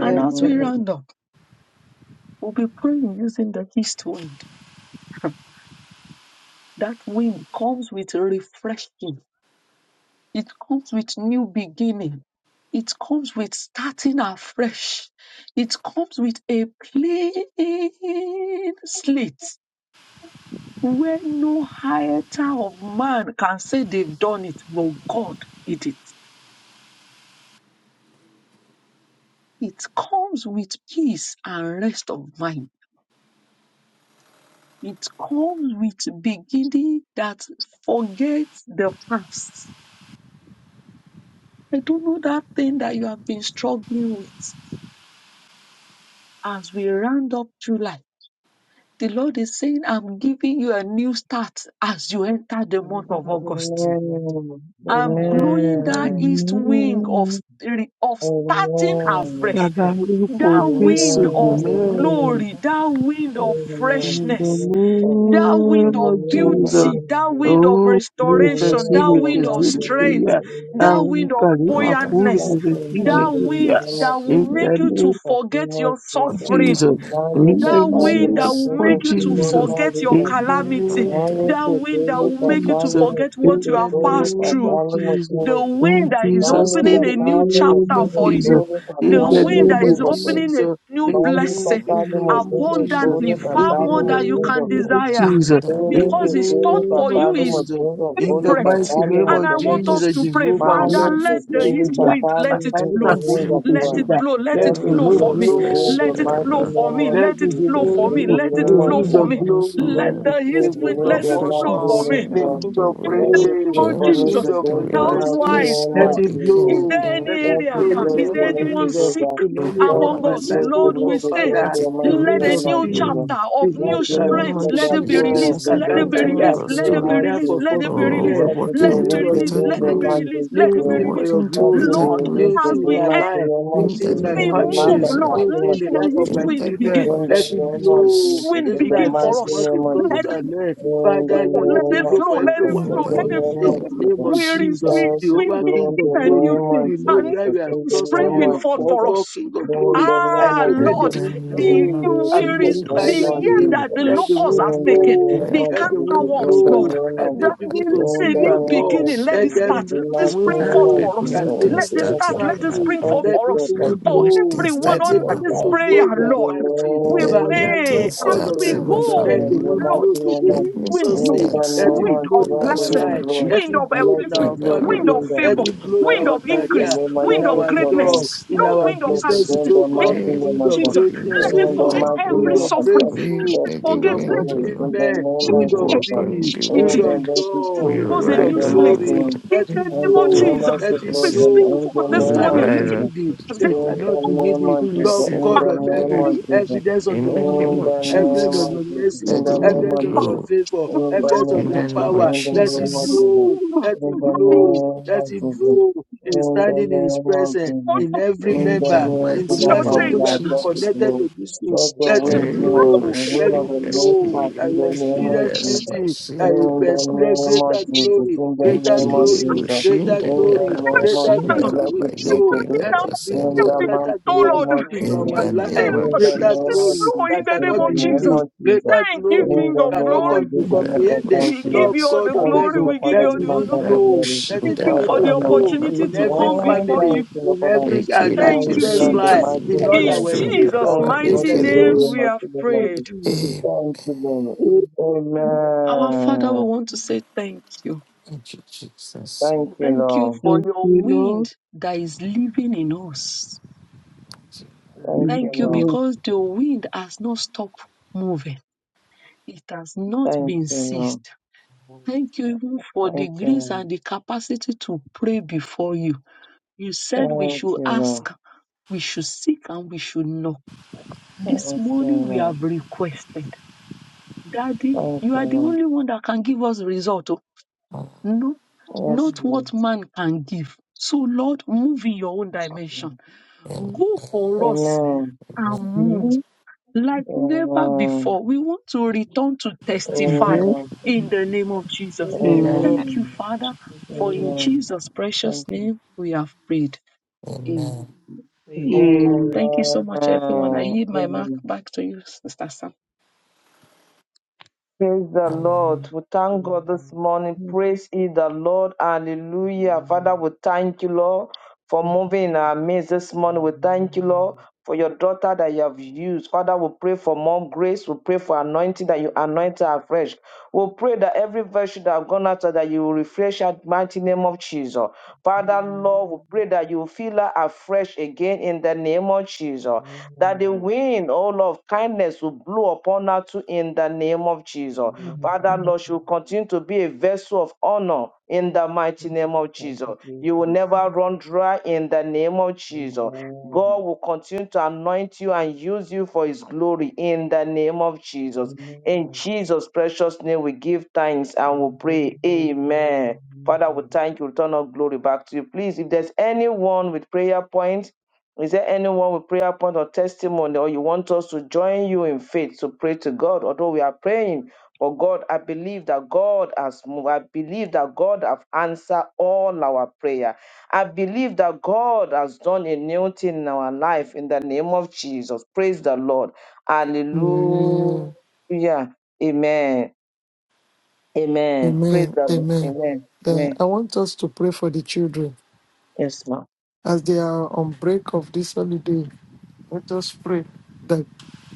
And as we round up, we'll be praying using the east wind. That wind comes with refreshing. It comes with new beginning It comes with starting afresh. It comes with a clean slate where no iota of man can say they've done it, but God did it. It comes with peace and rest of mind. It comes with beginning that forgets the past. I don't know that thing that you have been struggling with as we round up July. The Lord is saying, I'm giving you a new start as you enter the month of August.
Amen.
Amen.
I'm
Amen.
blowing that
Amen.
east wing of, st-
Amen.
of starting
Amen.
afresh,
Bàbá orúkọ
Amen. Amen.
that
Amen.
Jésù
wind of
Amen.
mẹ́rin
Amen.
glory, that wind
Amen.
of
Amen.
in the
freshness, that wind
name
of
of Jesus.
beauty, that
Hallelujah.
wind of
Oh, we can
restoration,
Amen.
see
Amen.
that
me to
wind of
Amen.
see me to
Amen.
strength,
ya.
that
Amen.
Oh,
wind
Yes.
of
Oh,
Karima
Thank
yes,
Kuru me
buoyantness,
you,
God,
to
we must stop and
see me
know
Amen.
that
the
to ya.
wind
name
Jesus.
that
of
In
will
Jesus.
the
make you to
name
The
forget
name of
your
of
In
Jesus.
suffering
the
Jesus.
name of
In
Malika,
the
that
Father,
wind
name
my
that
Jesus.
will
of
Savior,
make you
the
Amen.
to
Lord,
Jesus.
my
forget your
In
Redeemer.
the name
calamity.
In the name
That
Malika,
wind that
of
will
Malika,
make you to
Father,
Jesus.
my
Thank
forget
you,
In
what you
Savior,
have
the
Jesus.
passed
Malika,
name
through.
of
Father, my
Jesus.
The
Savior.
wind
In
that is
Jesus'
Malika,
opening
name, the
a new
Father, my
name
chapter
of
Savior,
for you.
Jesus.
Malika,
of
The
Jesus.
In the
Father, my
wind
name
that is
of
Jesus.
Savior.
opening a
Jesus.
new
Malika,
blessing
In the
Father, my
name of
Savior,
Amen. Thank you,
Jesus.
abundantly,
Malika,
In
far
Father,
the
more
my
than you
Savior.
can
Malika, Malika, Father, my
name of
desire.
In
Jesus.
the
In
name
the
Because it's
of
thought
name
for
of
you is.
Jesus.
Jesus. In the
In
Spirit.
the
mighty name
name
And
of
of
I want us
Jesus,
to
Jesus.
pray,
Jehovah,
Father,
Mande
who
Jesus.
let
is
the
Sotemi
east
the
wind
Tatani
let it
Father, the
blow.
It's a
Holy
Let
Mzikanuza
prayer.
it
Spirit,
blow,
let
let
the
it
Let it
flow
wind
for
blow
Oh,
me.
blow
today
fresh
Let
the
it
mighty
flow
air.
for
name
me.
of
let
Let
me
it
give
flow
Jesus
for
in
me.
the
you
Let it
name
give
of
Oh,
flow
you
this
for
the
is
me.
Jesus.
good for
Let
Let
me.
glory,
it
the
blow
east
give
to
wind
you the
win
the
let
the
it flow
mighty
honor,
for
freshness
name of
me.
and
give
uh,
God.
you
the
the
[LAUGHS] In
wind
Let
the
of
it
praise,
blow
name of
for
give
change,
me
you
Jesus,
to
the
the
win the
wind
health
of
mighty
rejoicing.
wise,
peace,
name
Let
new
of
Lord,
it
Jesus.
is
beginning
blow,
there
in
any
let it
Let
area?
blow
it
in the
blow
Is
name
freedom
to
there
of
let
anyone
it
Jesus
go
sick
down.
in any
and
area
Let
of
among
my
it
us?
property.
life,
blow to
oh
Lord, we
God,
let it
say,
burn
Father,
Let
the
it
the
blow,
let
wind
a
let
of
it
national
new
blow.
Jesus.
peace,
chapter
the
of
In
wind
Let
new
it
the
of
name
rain
strength,
of
set
let
up
it be
Jesus,
war
released,
the
as
to
I
let
go
burn
it be
the
into
Kashikakataya,
released,
August,
let
in
it
the
be
oh,
national
life
released,
of
let
Jesus.
it be
oh,
released,
we're
fulfillment,
Let it be
let
the
walking
it be
into
wind
released
of
to
released,
greater
new
burn
let
the
it be
glory.
thing,
mighty
released, let
new
it
We're
be
thing
today.
for
released.
walking
your
into
Let it
greater
be
glory,
Lord,
glory.
new
released
as
to
thing in
we
burn
my
the
end,
life, new
national
In
thing
the
in my
name
Jesus.
we
of
We mark
move,
family,
our
Lord,
Jesus,
let in the
let
life
the
time
of
east
my
in
wind
the
children.
name
begin.
in
of
the
Let it
name of
East
blow.
Jesus,
Jesus,
wind
in
Even
the
as
begin for
this
mighty
us.
month is
name of
coming
Let
Jesus,
to
it
an end.
in the
Father,
flow,
Lord, let
let
it
name
it
blow
of
flow,
for every
let
Jesus,
it
one
in
in
of
flow,
the
the
let
us.
it
name
In
flow.
of
name
the
of
name
Jesus,
of
Where is
Jesus,
we,
thank
Jesus.
you,
we
Jehovah,
begin
King
Lord, in
of
the
a
glory.
new
name
thing,
of
You
a
know
new
where
Jesus,
we are
in
thing is
the
trusting
name
springing
of
you
forth
for
for
Jesus,
God,
us.
King
in
of glory.
the
I
name
Ah,
of
pray let
In
the
Lord,
Jesus,
the
wind
in
the
name
blow
of
and
where
the name of Jesus, in the name
is the
glorify
Jesus,
your
of
year
name.
you
that
Jesus,
the
Let the
worship,
locust
wind
has
in the
taken,
blow.
name
you
the
of
Let
Jesus,
the
in the
wind
cankerworms,
name
Lord.
blow and
That
make people
the,
to see
the
you are
new
God.
of
beginning,
worship.
let
Let
it
Jesus, in
start,
them
the
let
the
it
mighty
wind
spring
Ah,
name
forth
of
blow
for
let
us.
Jesus, in the name
new
and make
things
Let
people
it
to
start
start,
of
in my
serve
let
Jesus,
it
life.
you.
spring
oh.
forth
every
Let
for
the
step
us.
of
Let
wind
For
faith.
new
blow
things
I
everyone
Yes,
start in
make
Lord.
my
under
people
this
I
home.
to
prayer,
speak
know you
in
are
the
Lord,
mighty.
we
Let
name.
new
Father,
pray
Lord
things
I
as
God of
start
we
speak
in
heaven,
my
in the
let
go.
family.
the
name,
You
the
wind
know.
mighty
Lord,
blow
name
today
of,
Let
in
new
wind,
things
Jesus'
in
name.
no.
the
start
Let
name
Wind
in
it
of the Lord,
blow
of
the
in
the
lives
our
of
blessing,
Lord.
my
life.
blow.
Let
wind
children.
it
of
And
blow
let
in
upliftment,
it
our
And
blow to
uh,
wind
family.
of
no,
them,
Let
we
favor,
them.
it
will
blow in
Let
we
wind
our
of
it
will
blow to
fail.
them,
career,
increase,
and
We
in
let
wind
will
of
our
it
fail.
blow
greatness,
job,
them.
This
in
Let
no
our
it
wind of
blow
Thank
to
businesses,
them,
calamity.
oh
the
God.
mighty
In
They
name
Wind
of
of
God.
Jesus,
walk
greatness,
into
let
oh
it
In the
forget
greater
God.
mighty
Wind
every
glory.
name
of
of
suffering.
God, we
We
breakthrough.
Let
step
it
let the
Wind
forget.
of
Let
wind, you
it
away
know,
from the
upliftment.
we
name
Wind
of
of
walk
Jesus.
on
peace.
the
Wind
And
opportunity
of
then
wind.
let it
to
joy.
We
blow
give
to
us a
Wind
them,
ride
of
new
the
on
slate.
the
mighty
glory.
name.
In
Let
wind.
the
it
In
name
the
of
blow.
name
So
of
Jesus,
Let
the
it
we
Lord,
blessing.
and
speak
blow.
in
for
the
this
Wind
We
name of
morning.
cannot be
ride
Jesus.
on
hidden
Let
they shall
In the
not be
name
hidden.
of
to
Jesus,
Lord
receive
in
our
God
the
of
name
heaven,
of
miracle.
Jesus,
evidence of
In
your
the
in
name
goodness,
of
the
evidence
name
of
Jesus.
of
your mercy,
Let the wind
evidence of your
Jesus,
blow.
favor,
in the
evidence of
In
name
your
the
of Jesus, in the name of Jesus,
name of
power. Let it
Jesus.
blow, let it
in the
blow,
name
let
of
it
Jesus, in
blow in
the
standing in his
name of
presence,
Jesus,
in every
in
In
the
the
name
member,
of Jesus, in the
in
name
the
mighty
the
of
life
name
our
of
of
those
change.
that
life,
be
let
Jesus.
it
connected
blow.
to this room.
Let the
Let
I
it
wind
read a
blow, the
blow, let
wind
pushing
of
it
the
that
next
blow.
part
he
I
in the
will
name
pushing
of
experience
that I
Jesus.
beauty. I
pushing
will
In the
that
experience
name of
greater
Jesus, in
glory,
the
greater
name of
glory,
Jesus,
greater
in the
glory,
name of
greater
Jesus,
glory. Let the
Mano,
wind
Ikiyibushindarabashindaraba.
let it
isso
blow
blow
por
today.
let
final,
it bring
In
glo-
the mighty
greater
Oh
glory
name
Lord,
of
into
In
Jesus.
our
the
say,
name
life,
of
In
Lord, let
the
greater
name
this
of
glory
Jesus.
flow in
that
Jesus.
the
In
name
cannot
the
of
be
name
Jesus.
hidden,
of Jesus.
greater
Thank
In
you,
glory
King
the
of
cannot
name
Glory.
com-
of
be
Jesus.
In
Mr.
the name
Thank
of
comprehended.
We give
Lord
you
you.
Jesus.
all
God
the
of
Thank
glory.
you,
heaven,
Lord,
We give you
let
Father,
the
all
the
the
mighty
wind
honor.
God,
blow,
glory.
let
Thank
it
you
Lord,
begin
the
for
to
the
honor.
blow
opportunity
Give
in
you
to
every
come
all
you.
before
Irabushindarababababababababa.
family,
thank
you.
you, Lord,
in
Father.
every
Thank you
and
for
our
your
Thank
Thank you,
you,
good
children's
Lord, the
life,
Father.
Jesus.
mighty
in all
name of
In
our
Jesus.
Jesus'
endeavor,
Thank
Thank
you,
you
in
Lord,
mighty
the
the
for
blood
name
name,
Ikiribusuntuindibusundarabarinkeribus.
and
we
of
have
the
of
Lord.
prayed.
Jesus.
Amen.
Thank you, Lord.
Our
your
Father, we
Amen.
want to say thank you.
Thank you, Jesus.
Thank
Thank you,
you,
Thank you
Lord.
for
Thank
your
you, Lord.
wind that is living in us.
Thank
Thank
you,
Thank
you,
you
Lord.
Lord.
because the wind has not stopped moving. It has not
Thank
been
you, Lord.
ceased.
Lord.
Thank you even for the
Thank
grace
you,
and the capacity to pray before you. You said we
Lord. Thank
should
you, Lord.
ask, we should seek, and we should knock.
Thank
This
you,
morning we
Lord.
have requested. Daddy,
Thank
you
you,
are the
Lord.
only one that can give us result. oh.
Amen.
No,
Yes,
not
Lord.
what man can give. So Lord, move in your own dimension.
Amen.
Go for
Amen. Amen.
us
Amen.
and move like never
Amen.
before. We want to return to testify
Amen.
in the name of Jesus.
Amen.
Amen.
Thank you,
Amen.
Father,
Jesus.
for in
Amen.
Jesus'
Thank
precious
you.
name we have prayed.
Amen. Amen.
Amen.
Amen.
Amen.
Thank you so much, everyone. I
Amen.
yield my mark
Amen.
back to you, Sister Sam.
Praise the Lord. We thank
Amen.
God this morning.
Amen.
Praise ye the Lord. Hallelujah. Father,
Amen.
we thank you, Lord, for moving in our midst this morning.
Amen.
We thank you, Lord, for your daughter that you have used. Father, we pray for more grace. We pray for anointing that
Amen.
you anoint her afresh. We pray that every virtue that have gone out, that you will refresh her mighty name of Jesus. Father, Lord, we pray that you will fill her afresh again in the name of Jesus that the wind, oh Lord, of kindness will blow upon her too in the name of Jesus. Father,
Amen.
Lord, she will continue to be a vessel of honor in the mighty name of
Thank
Jesus.
you,
You will
Jesus.
never run dry in the name of Jesus.
Amen.
God will continue to anoint you and use you for his glory in the name of Jesus. In
Amen.
Jesus' precious name, we give thanks and we
Amen.
pray. Amen. Father, we thank you. Return all glory back to you. Please, if there's anyone with prayer points, is there anyone with prayer point or testimony, or you want us to join you in faith to pray to God? Although we are praying for God, I believe that God has moved. I believe that God have answered all our prayer. I believe that God has done a new thing in our life in the name of Jesus. Praise the Lord.
Hallelujah.
Hallelujah. Amen. Amen. Praise
Amen.
the Lord.
Amen.
Amen.
Uh,
Amen.
I want us to pray for the children.
Yes, ma'am.
As they are on break of this holiday, let us pray that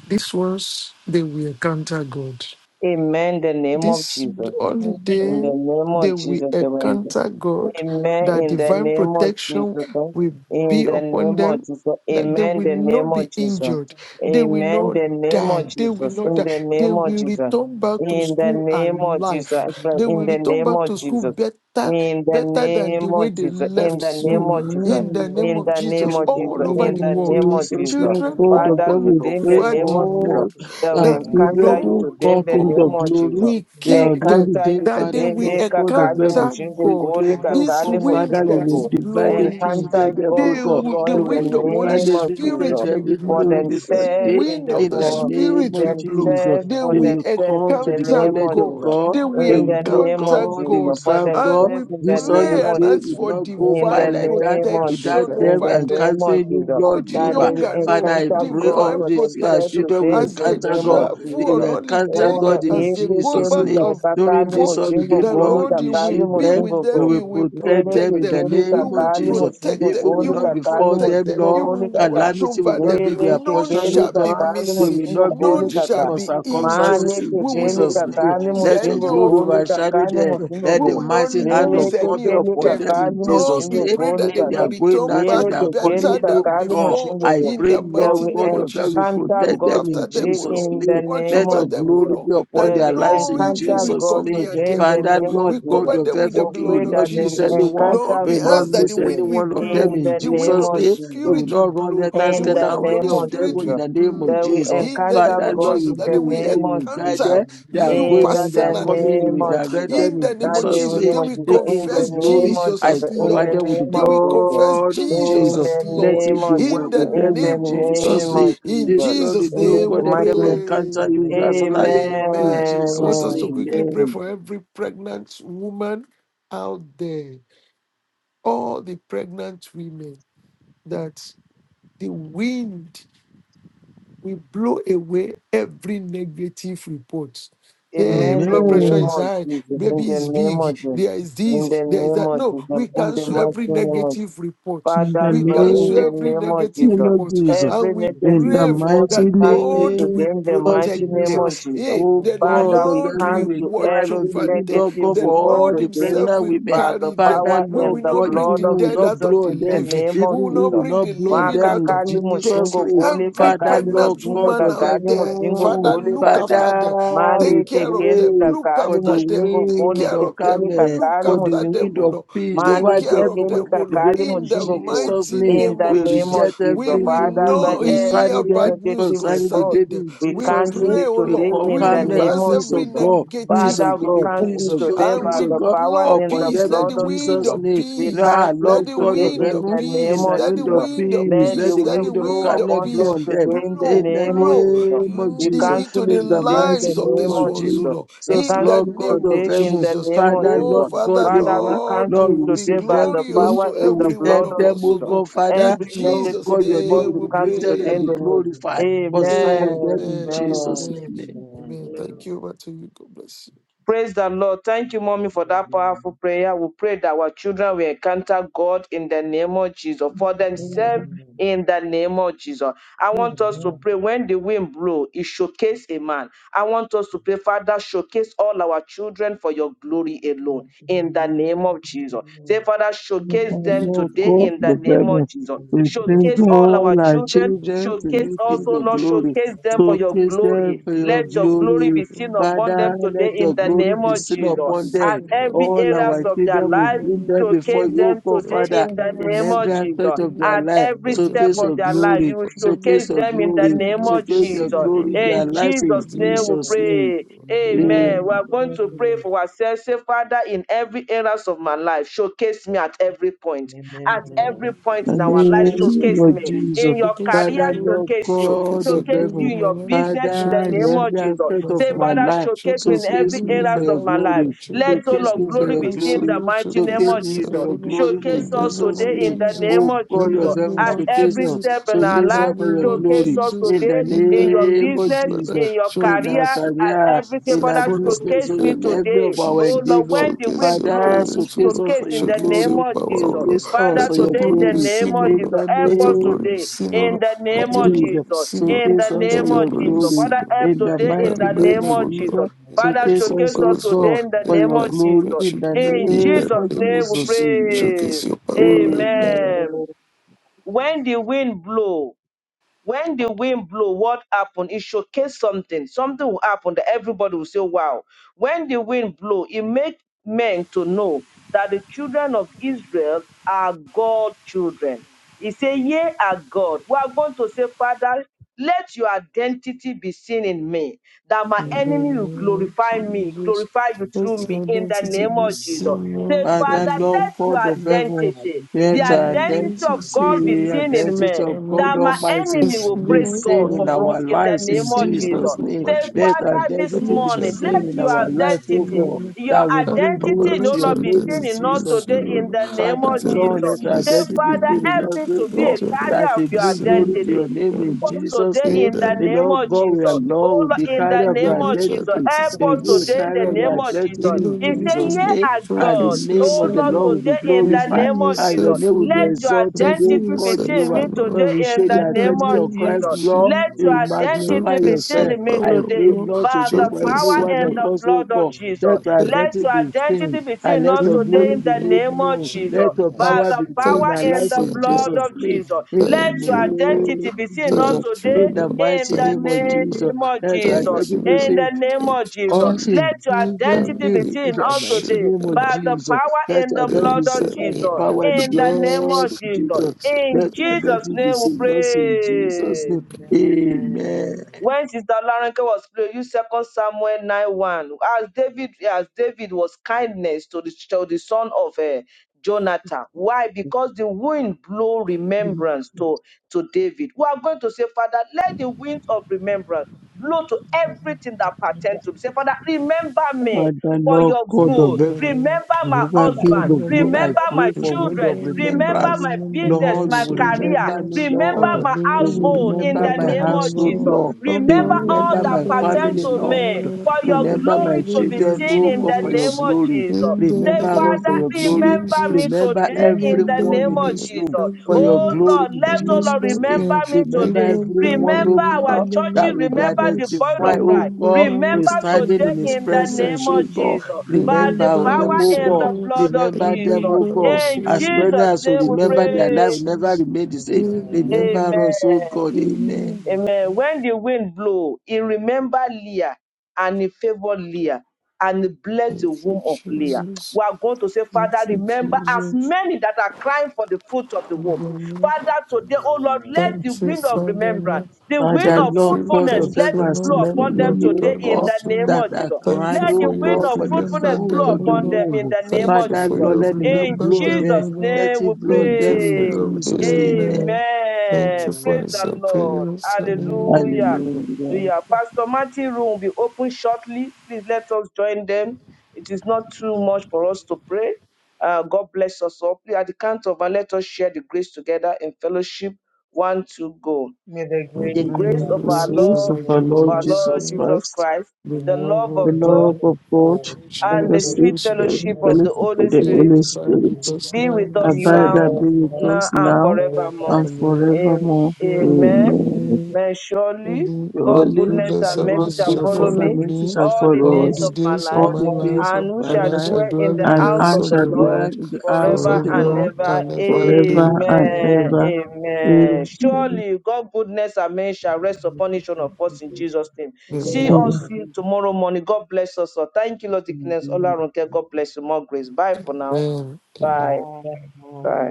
these ones they will encounter God.
Amen. The name of
This
Jesus.
only
In the
day
name
they
of
will
Jesus, the
encounter God,
Amen
that
in the
divine
name of
protection
Jesus. eh.
will
In
be
the
upon
name of
them,
Jesus.
that they
Amen
will
Amen.
the
not
name
be
of Jesus.
injured, they
Amen.
will
Amen
not
the name
die,
of
they will
Jesus.
not
In
die,
the
Thank
they
name of
will
Jesus.
return back to
In the
school
name of Jesus.
alive, they
In
will
the
return
name
back
of
to school
Jesus.
better.
In the
Better than
name
the way
of
they
Jesus. In
left
the
school
name of Jesus.
in the
Amen.
name
In
of
the name
Jesus
of
In the
all
Jesus.
over
In
name
the
the
of
world
name of
Jesus,
Jesus.
Lord
children
God of
Father,
heaven,
all
we
today in the
pray
over
for
name
the
of Jesus,
all
world.
that we
our
That
children
encounter you
who
Lord
today in
God
the
in the
name
God
of Jesus
glory.
will
They are
keep
not
them,
the
encounter
day,
you
that they
Father,
today.
will
Lord
Heka
God of
kali
heaven.
encounter
musingo
We
God.
go,
pray,
lika
Lord
This
kali
God,
wind
Father, you
musingo
that
will
is
go.
blowing
divinely
in,
visit
Encounter
them, O
God,
they
O
God.
will, the
Lord,
You
in the
will
wind of Holy
name
divinely
you.
of
visit them
Spirit
Jesus.
will
even
For
blow,
during this
the
themselves,
day.
in
wind
the
of
In
the
the
for
name
Spirit will
of
blow.
Jesus,
themselves,
They
for
they
will
will
themselves,
come
in
to
the
the
encounter
name
knowledge
of
of
Jesus.
God.
God.
They will
They
In
will
the
know
name of
encounter
God. They
Jesus.
will
God.
For
serve
And
God.
we
themselves, in the
This holiday
name
pray and
of
ask
will
Jesus.
for
not go
In
by
the
divine
like that
name of Jesus.
without
protection
In
them
over
the
them
name of
encountering you,
Jesus.
Lord
both
That
Jehovah.
they
young and
Father,
old,
I
encounter
pray
God
all
divine
for
these uh,
themselves
protection
children
today
will
in
as
the
they
encounter
name
God.
of
travel
They
on
Jesus.
will encounter
Thank
holiday,
Ola
you,
God in
as they
yeke
Jesus.
go
Jesus'
keli
back
The
name.
and
wonderful
During
kakali
is
this
your
forth.
only
mojingo
holiday,
way
The
to
goli
Lord, you
Lord, you
will
you,
will
kakali
shield
and
be
them.
mojingo
with
Jesus'
You
them,
go.
you
will
name,
will
protect
the
Lele
them
protect
Lord
in
is
them,
the
in
kekeli
you
name
the
will
of
kakali
name of
Jesus.
God.
mojingo
protect them,
Evil will
you
goli
not
will
kakali
befall
Thank you,
protect
them,
them,
mojingo
you
Lord.
Jesus.
goli
will
I
kaka.
watch
Calamity
protect
will
over
God
them.
not be
from
Lele
their
you
None
and
portion,
kekeli
O
from
shall be
my
God.
kakali
They
missing,
will
husband.
mojingo
not be a
none
goli
shall
kaka.
victim
Thank
of
be
you for your glory
injured.
Male
circumstances
to be
in
We
you
will
kekeli
in
not
Jesus'
my
name.
kakali
life.
lose
Let your
any
mojingo
Thank
glory
of
you,
goli
our
overshadow
Jesus.
kakali
them.
children,
mojingo
Let
we
go.
the
will
Hallelujah.
not
mighty hand
Lele
lose
of
Thank
God
any
be
of
kekeli
you, Jesus.
upon
them
them
kakali
in
Lord,
Jesus'
we
mojingo
name
pray
Hallelujah.
goli
that they
Thank
in
you,
kaka.
will
their going
Jesus.
return
out, in
back
Lele
It's
their
heaven's
coming
kekeli
better
in,
glory,
oh
than
we
kakali
do,
God.
before
mojingo
I
and we
in
pray,
the
are.
Lord
mighty name
God
go
of
Thank
of
you,
Jesus.
heaven, you
encounter
protect
Look
God
them
after
Jesus.
in
them, O
today
Jesus'
Lord.
in the
name.
Watch
name
Let
over
I
your
of
them,
will
O
glory
Jesus.
not
Lord,
be
you
upon
that
They
their
will
fully
lives
no
and
in
evil
encounter
will
fully.
Jesus'
God
come
name.
near
My
today in
them, O
life
the
Father,
is
Lord.
name
in
of
Lord
We
the
God
Jesus.
cover
of
them with
presence
We
the
heaven,
of
we will
pray
blood of
not
that they
Jesus
miss
will
Jesus.
Christ.
anyone.
Lord,
You
encounter
We will
we
the
not
God
ask that the
miss
today
any
blood
wind
of
will
one of
Jesus,
them
in
blow,
my
in
the
the
evil
wind
name
Jesus'
of
brother.
the
of
name. We
Jesus.
will
Spirit
Thank
will
not
you,
run
blow,
let us
the
In
my
get
the
wind
out
of the
Lord.
any
Holy
name
of
of
them
Spirit
Thank
in
will
Jesus.
the name of
That
Jesus,
blow
we
my
Jesus.
Lord.
in the the name
encounter
Father,
of
Thank
Lord,
God
you,
you
Jesus,
in
and
be
the
then
with
we
Jesus.
them,
name
you
of
will
My
guide
encounter
them.
Jesus.
Lord,
They
you
are
you
are.
going out,
In
they are
the
personally,
Thank
coming,
O
you
name
will
Lord.
of
Jesus,
direct
Jesus.
them
In
my
the
in
Lord.
name
That
of
day
Jesus'
we
Jesus,
name
name.
then
of
we
Jesus.
Thank
The
you,
King
In the
confess
of
Jesus.
glory.
name of
Jesus
I
as
Jesus.
Thank
In
cover
Jesus.
the
Lord.
them with the
Thank
name
Then
you,
of
we
Jesus.
confess
blood of
Jesus
In
Jesus.
as
the
Amen.
Let
Thank
Lord.
you,
name
it be
of
Jesus.
well
In
Jesus.
the
with them
In the
in
name of
Thank
Jesus'
name
Jesus.
name.
of
you,
In
This
Jesus.
is the
Jesus'
day,
In
oh
the
name we
God,
Jesus.
let
mighty
them
name.
pray.
encounter you personally
Amen.
in
Amen. I want
Jesus'
us
Amen.
to
Amen.
quickly pray
name.
for every pregnant woman out there, all the pregnant women that the wind we blow away every negative report. Hey,
Amen.
Amen. [LAUGHS]
The
blood pressure
name
Amen.
is
of
high,
Jesus. In
Amen.
baby
Amen.
the
is
name of
big,
Jesus.
there is this,
In the
there is
name
that.
of
No, we
Jesus. In the
cancel
mighty
every
name of
negative report.
In
Father,
the
We
Lord, in
name
cancel
the
every
name of
negative
name
Jesus.
of
report
Jesus.
and
Every
we
In
negative
the
pray
report, we
mighty
that
cancel it
God
name
will
today in the
of
mighty
protect
name
them.
of
Jesus,
Jesus.
Hey,
O
the
God
Father,
of
we
Lord
heaven,
will
we
cancel
cry
watch
every
unto
over
you,
them.
negative
Lord God,
The
for
report
all
Lord
the
today
Himself
pregnant
will
women.
by the
carry them.
Father,
power
We will
Lord
and
will
the
God,
not
even
bring
blood
the
we
of
will
dead
not
out
Jesus
of
blow
the
on
in the
them.
living.
name
We
of
will
Even we
not
will
Jesus.
bring
not
the
blow on
living
them
out
in
of
Makakali
the dead.
Jesus'
mushingo
name.
gole
Every
Father,
kakali
Lord
pregnant
musinga
God
woman
of
out
kakali
there,
mushingo
heaven,
Father,
gole
look
kaka.
after them.
Father, we
Male
Take care of
kekeli
them.
pray
Look
kakali
for the
after them.
mushingo
Take
gole
wind
care
of
of
calm,
kekeli
Thank
them.
eh,
Look
kakali
for the
you.
after
mushingo
them,
wind
O
Gole.
of
Lord.
peace
Take
over
Mani
and
care
them,
of
over
them,
keteni
O
the
Lord.
kakali
baby
improve
In
in
the
the
muchingo
other
Jesus'
mighty
name.
technology
In
and
name
the
We
of
name
Jesus,
engineering
of
reject
we
Jesus,
every
will
solutions.
evil
Father,
wind
Lord,
not
And we
concerning
hear
did
every
them,
this
bad news
negative
work
concerning the
report,
concerning
baby
them.
in
we
We
in
Jesus'
cancel
name.
pray,
it
the
O
We
today
Lord. Lord,
call
in
we
the
making
calmness,
name
reverse
of
peace
every
of
Jesus.
God, peace
negative
Father,
of
we
God,
the
cancel
peace
work
report
it
of God,
today
the
and
peace
by
we
of
the
God
power
power
blow
and
in
upon
the
peace.
light
them
Let
in
blood
the
of
and the
wind
Jesus'
Jesus.
of
name.
remove
We
the
Now,
peace,
cancel
let
business
Lord
it
the
God
today
of
and
wind
the
in
of
heaven,
the name
in
peace,
technology
of
the
let the
wind
the
of
Jesus.
wind
deliver
of
peace,
the
Let the
let
peace,
the
let
wind
the
wind of
blow
flexibility
wind of
calmness
upon
and the
them
peace
blow on them.
deliver
today in
the
the
In
blow,
the
name
to
of
blow
the
Jesus.
real
name of
We
people
the-
Jesus,
into
cancel
the
it
in
and
the
the
today in the
mighty
lives of
name
name
these
of
of
deliver the
ones, O
Jesus.
Lord,
We
Jesus,
in the
solution
Lord
cancel it
God
name
of
today
of
in
heaven,
the
Jesus.
name
and the and the
of
Father,
minimum
Oh,
Jesus.
Lord
Father,
God,
Father, we
everyone,
and
Lord, you
cancel
Lord,
it
you
will
will
be
minimum
see
today by
them
the
glorious
through.
power
to
You
in the
will
every one
help
blood
of
of
them,
efficiency
us,
oh
O
Jesus.
of
God.
God,
the and
Father
In
Every
Lord
Lord
Jesus'
negative
God, your name
report
Amen.
will
name
we
be
we
Amen.
cancel
lifted
today
and
in
be
the
pray.
Amen.
glorified
Thank
name.
you,
concerning
Jesus.
them
Amen.
in
Amen.
Jesus'
Amen.
Amen.
Amen.
name.
Amen. Thank
Amen.
you,
Amen.
over to you. God bless you.
Thank you, Jesus.
Praise the Lord. Thank you, mommy, for
Amen.
that powerful
Amen.
prayer. We pray that our children will encounter God in the name of Jesus for
Amen.
themselves
be
in the name of Jesus. I
the
want us to pray when the wind blows. it showcase a man. I want us to pray, Father, showcase all our children for your glory alone
Amen.
in the name of Jesus.
Amen.
Say, Father,
We give
showcase
Lord,
you
them
she
kingdom. We give you glory. We love you. Jesus. Thank you. Jesus. Thank you.
Lord
Jesus.
today
praise
God,
in
and
the
the
name
wonder
brethren,
of
you.
Jesus.
Thank you. Jesus. Thank you.
we
Jesus.
bring
for
Showcase
your
all
all
our
glory.
our
children.
You
children to
Showcase
them
you,
for
King
your
also,
of
Lord,
glory.
glory.
showcase
You
them for
So
your
kiss
them for your
them
glory.
for
Thank you. Jesus.
your
Let
glory,
your
Lord.
glory
Thank
be
glory.
seen
In the
upon
name
Father,
them
of
today
let
Jesus,
in
your
the
glory
name
let
be
your
of
seen
Jesus.
glory be
upon
seen
them.
At
upon
every
All
them, O
areas
our
Lord.
of their
children
In
will
the
life,
bring
name
them
of
before
showcase
you,
Jesus,
O
them
God,
today
let your
Father,
in the
glory be
in
name
every
of
seen upon
aspect
Jesus.
them,
you.
of
O
their
At
Lord.
life.
every
Let
Jesus. Thank
So
your
you.
step
kiss
Jesus.
glory
of
your
be
their
seen
life,
glory.
you will
upon
So
them, O
kiss
showcase
Amen.
your
Lord.
them in the
Let
glory.
your
name
glory
So
of
be
kiss your
seen
Jesus.
upon
glory,
them, O
their
In
Lord.
lives in
Jesus'
Let your
name we
glory
Jesus'
be
name.
pray.
Amen.
Amen.
Amen. We are
Amen.
going to pray for ourselves. Say, Father, in every areas of my life, showcase me at every point. At every point
In
in our
the
life,
Showcase your
name
showcase
of
glory.
me.
Jesus,
In your
Showcase your
career,
Father,
glory.
Lord
showcase you.
God
Showcase your
of
Showcase
glory
heaven,
you
in
in
my
your
life.
business in
Father,
the
in
Showcase
name
your
of
every
glory
Jesus.
in
aspect
my
of
Say,
my
Father,
family.
life,
showcase me in
Showcase your
showcase
every
glory
me
in
for
areas
the
your
of
life
my
of
life.
my
glory,
children.
Let all
showcase
of
me
So
In
for
their
glory
your
be
lives,
seen
so
in
glory,
the
Lord,
mighty name
showcase
showcase
of
me for
yourself,
Jesus.
oh
your
Lord,
glory in
in
Showcase
the
us
name
Jesus'
of
today
name.
in the
Jesus.
name
Oh
of
God
In the
of
Jesus.
heaven,
name
At
of
showcase
every
us,
Jesus.
step in our
In
showcase
the
us
life,
for
name
your
of
showcase
glory
us
Jesus.
in the
today
In
in
the
your
name of
name of
Jesus,
business,
Father,
Jesus,
in your
in our
career,
showcase your
and
career,
everything.
in
Set
our
Father,
foot
business,
showcase
in
and
me
the
in
Amen.
name
every
of
today.
of our
Jesus.
Oh
Jesus.
Lord,
endeavor.
when the
Showcase
wind
your
Father,
blows, you
presence, O
showcase
Lord.
us
showcase
for
in
your
the
Showcase
name
your
glory,
of
power, O
Jesus.
Lord.
showcase us
Father,
Let
for
your
your
today in
glory
the
be
glory
name
seen, O
of
in
Lord.
Jesus,
the
help
Let your
us
name
glory be
today
seen, O
in
Lord.
the
Let
name
of
your
of
glory
Jesus.
be
Jesus.
seen, O
In
Lord.
Showcase
the
us for
Let
name
your
of
your
glory be
Jesus.
glory
seen,
Father,
O Lord.
help
in the
today
In
in
mighty
the
my
name
name
life,
of
of
O Lord.
Jesus.
Jesus.
In the
Father,
life
Showcase
of
us,
showcase
my
O
us
husband.
God,
today in the
In
for
name
the
your
of
life of my
glory
Jesus.
in the
children.
In
In
name
the
Jesus'
of
name
name
of
we
Jesus.
Jesus.
Amen.
pray.
Showcase your power, Lord. Amen.
Amen.
Amen.
When the wind blows, when the wind blow, what happened? It showcase something. Something will happen that everybody will say, wow. When the wind blow, it make men to know that the children of Israel are God children. He say, "Ye are God. We are going to say, Father, let your identity be seen in me, that my
In
Amen.
enemy
the
will
name
glorify
of
me,
Jesus.
glorify you
Thank you,
through
Let
me
your
Jesus.
in the
identity
name
be
of
Amen.
Jesus
seen,
says,
Let
Lord.
my
Father,
Father,
things
Lord
let
be.
God of
your
heaven,
Let my
identity,
things
In
let
the
be.
our
Let
identity
identity,
of
my
God be seen in
identity
men,
of
things
God
that
be.
my
Almighty
enemy
Thank
will
be
praise God
you,
seen
for
in
Jesus.
us
our
in
We
the
lives
look
name
in
and
of
ask
Jesus'
Jesus.
to
name.
Says,
be
Let
kind
our
and
Father, this
be
identity
good,
be
morning,
O
let
seen
Lord.
in
your
our life,
Thank
O
you,
identity,
God,
your
Jesus.
that will bring glory
identity
to
no
Thank
your
longer
you,
be
name
seen
in
in
Jesus.
us
Jesus'
today
name.
in the
Hallelujah.
name
Father,
of Jesus.
Lord, let our
Say,
identity be
Father,
seen in
help
us,
me
oh
to be a
God,
Thank you,
that
carrier of
will
your
Jesus.
bring glory to
identity
your name in
us
Jesus'
today
name.
in the
And
name
Lord
of
Amen.
God,
Jesus.
we are
the
Oh
Lord,
Lord,
we be
in the
carrier
Amen.
of
Amen.
your
name
Focus
of Jesus.
identity.
Help us
we will
today in
Amen.
the
carrier of your
name of
identity
Jesus.
in
He said,
Jesus'
Thank you,
Yeah,
name
our
Jesus.
and the
God.
name
Oh
of
yourself
the
Lord,
on
Lord will
it.
be
today in the
glorified,
Reveal
name of
and
Jesus.
your name
yourself
will
Amen.
on
be
Let
it.
your
exalted,
identity
O
Reveal
be
God,
seen
yourself
in
Jehovah.
me
on it.
today
When we
in
show
the
In
the
Thank
the
name
you,
identity
of
of
thank
name of
Christ,
Jesus.
you, thank
Lord,
Let your
you
Jesus.
you, Lord.
magnify
identity be
Showcase
seen
your
yourself.
in me
I
power,
today.
pray,
Lord.
Lord,
By
today
the
for every
Thank
Showcase your
one
power and
of
the
glory.
us, O
blood of
God.
Jesus.
Let your
Lord.
Let
identity
your
be seen,
identity be seen
and
in
let
us
your
In the
today
glory
in
be
the
name
you, Jesus. Amen.
made
name
of
of
known.
Amen.
Let
Jesus
Amen.
your
by
power
Jesus.
the
be
Amen.
seen in
Thank
our
you,
power
Amen.
in
lives
the
in
Father.
blood
Jesus'
of
Lord.
name.
Jesus.
In the
Let
Thank
your
you, Lord.
name
identity be
of
seen us
Jesus.
Thank you,
today
In the
Lord.
in
mighty
the
name
Thank
of
you,
name
Jesus.
Lord.
of
Let your
Jesus.
Thank
identity
you,
be
In
Lord.
seen
the name
Thank
of
you,
Jesus.
all things
Jesus.
Let your
in
and
identity be
name,
leave
in
seen
the
the
us
mighty
sheep
today
name
and
of
by the
Jesus,
power
let
in
our
the
death
in
be
blood of
saved
the
by the
name
Jesus.
of
power and the
In the name
blood
of
Jesus.
of
Jesus.
Jesus.
That's it.
In
Let our death
Jesus'
be
name we
saved, us in Jesus'
pray.
name. Amen.
When Sister Larenke was praying, use Second Samuel 9 1. As David, as David was kindness to the, to the son of uh, Jonathan. Why? Because the wind blew remembrance to, to David. We are going to say, Father, let the wind of remembrance blow to everything that pertains to me. Say, Father, remember
Father,
me for
Lord
your
God of
good.
Remember
heaven,
me,
Remember
and
my
over King
husband.
of
remember
glory, I
me,
Remember my
pray for wind
children.
remember
of
me,
Remember
Lord,
remembrance.
my
remember my
business,
Lord,
old
you
my
will
soldier.
career.
remember
Lord.
me,
Remember
Lord.
Ah,
You
my
the way
will
you
household in
remember
remember
the
my
that,
name
my
of
household,
Lord.
Jesus.
Lord.
Oh,
You
Remember
I
all
remember
that
my
remember
pertain
family,
this,
to me
Lord.
Lord.
for your
In the
Remember my
glory to be
name of
children,
seen
Lord
in
God,
the
for your
name
Jesus.
of
glory.
Jesus.
In the
Say,
Remember
name
us for your
of
Father,
glory.
remember
Jesus.
me
Remember
today in the
Remember
everyone
name
in
of
me.
this
Jesus.
room
Remember
for your
Oh
me.
Amen.
glory
Lord,
in
let oh Lord
Remember
Jesus' name.
Amen.
remember
Amen.
me.
me
Remember
today.
Remember
everyone,
me.
oh
Remember our
God,
Remember
churches.
my
that will be
Remember
family.
the body
identified,
of
oh
Christ.
Remember
God
my
we're
Remember
standing
today
husband.
in His
in the
Remember my
presence,
name
oh
of
children.
God.
Jesus. By the
Remember
Remember
them,
power
oh
us, O
and the
God.
Lord.
blood of
Remember them,
Jesus.
oh
Remember
God.
us, O
In
As many
Lord.
Jesus'
as will
name we
In the
remember their
name
life
pray.
will
of
never
Jesus.
remain the same.
Thank
Remember us, oh
Amen.
God. Amen.
Amen. When the wind blew, he remembered Leah and he favored Leah and he blessed the
you,
womb of Leah.
Jesus.
We are going to say,
Thank
Father,
you,
remember as
Jesus.
many that are crying for the fruit of the womb. Father, today, oh Lord, let the
Thank you,
wind of
Father,
remembrance,
Lord.
the wind
Father,
of
Thank
Lord
you,
God
fruitfulness,
of
thank
let
heaven,
you,
as
it blow
Lord, for
upon
you
remembering
them
have
you,
today
done
in
God,
the
this to me.
name
that
of
are
Jesus.
Thank
crying,
you
Let the
for
oh
you
wind
have
God,
of
for the
fruitfulness
remembered
fruit
blow
them,
of
O
the
upon
Lord.
them in
womb.
the name
Thank
of
you
Father,
for
Jesus.
you
Lord,
have
let the wind
In
remembered
blow on
them, O
them.
Jesus'
Lord.
Let
name we
it blow on
Thank you
them in
for
pray.
your
Jesus' name.
amen. Thank
Amen.
you for
Praise the
answer
Lord.
prayers
Amen.
Hallelujah.
and
Hallelujah.
Yeah. Pastor Martin room will be open shortly. Please let us join them. It is not too much for us to pray. Uh, God bless us all. Please, at the count of one, let us share the grace together in fellowship. One, two, go.
The
and the
The
presence
grace
And
of
of
the
for
our
grace
Lord
the
of our
grace
is
Lord,
of
with
Lord
us
our Lord
our
now,
Jesus,
Lord
Jesus
yeah.
Jesus
Christ
Christ,
the
the
the
love
love
of
love of
the
of
God,
God,
love
God,
of God
the
and the
worship
and
and
the
of
the
the
secret
Holy
sweet
sweet
of the
fe-
fellowship
Holy
and
of
Spirit,
Spirit.
the
worship
fellowship of
Holy
the
the
be
Spirit
and
Holy
Holy
abide
Spirit
Spirit,
with
We want
us
be
to
now
with
know and
us
and
be
have a
abide
with
now,
and be
more
us
forevermore.
with
now
us
now and
and
now
forever.
forevermore.
and
Amen.
Am-
forevermore.
human
Amen.
Amen.
Surely
May surely
the- God's
God
Surely
goodness
service
goodness
and
and
mercy
Surely,
God's
mercy
to
shall
shall
God's
make
follow
goodness
each
goodness
follow
and
me
other
and
mercy
the
me
mercy
shall
all
shall
the
all
follow
days
follow us
the
us
of my
days of
life,
all
opportunity
my
to
the
be
all the
life,
days
loved.
of
and
days
we
of
our
and
shall
We
I
our
life,
shall
shall
dwell
dwell
in
dwell
the
in
in the
the
and
house
house
I
house
of
of
of
the
the
shall
the
Lord
Lord
dwell
Lord
in the house
forever
of the
forever
and
Amen.
forever
Lord
ever.
and ever.
forever and
Amen.
ever.
Amen.
ever.
Amen.
Amen.
Surely God goodness and mercy shall rest upon each one of us in Jesus' name. See
Amen.
us see
Amen.
tomorrow morning. God bless us. all. Thank you, Lord Dickness.
Amen.
Olarunke. God bless you. More grace. Bye for now.
Amen. Amen.
Bye
life,
Amen. Amen.
time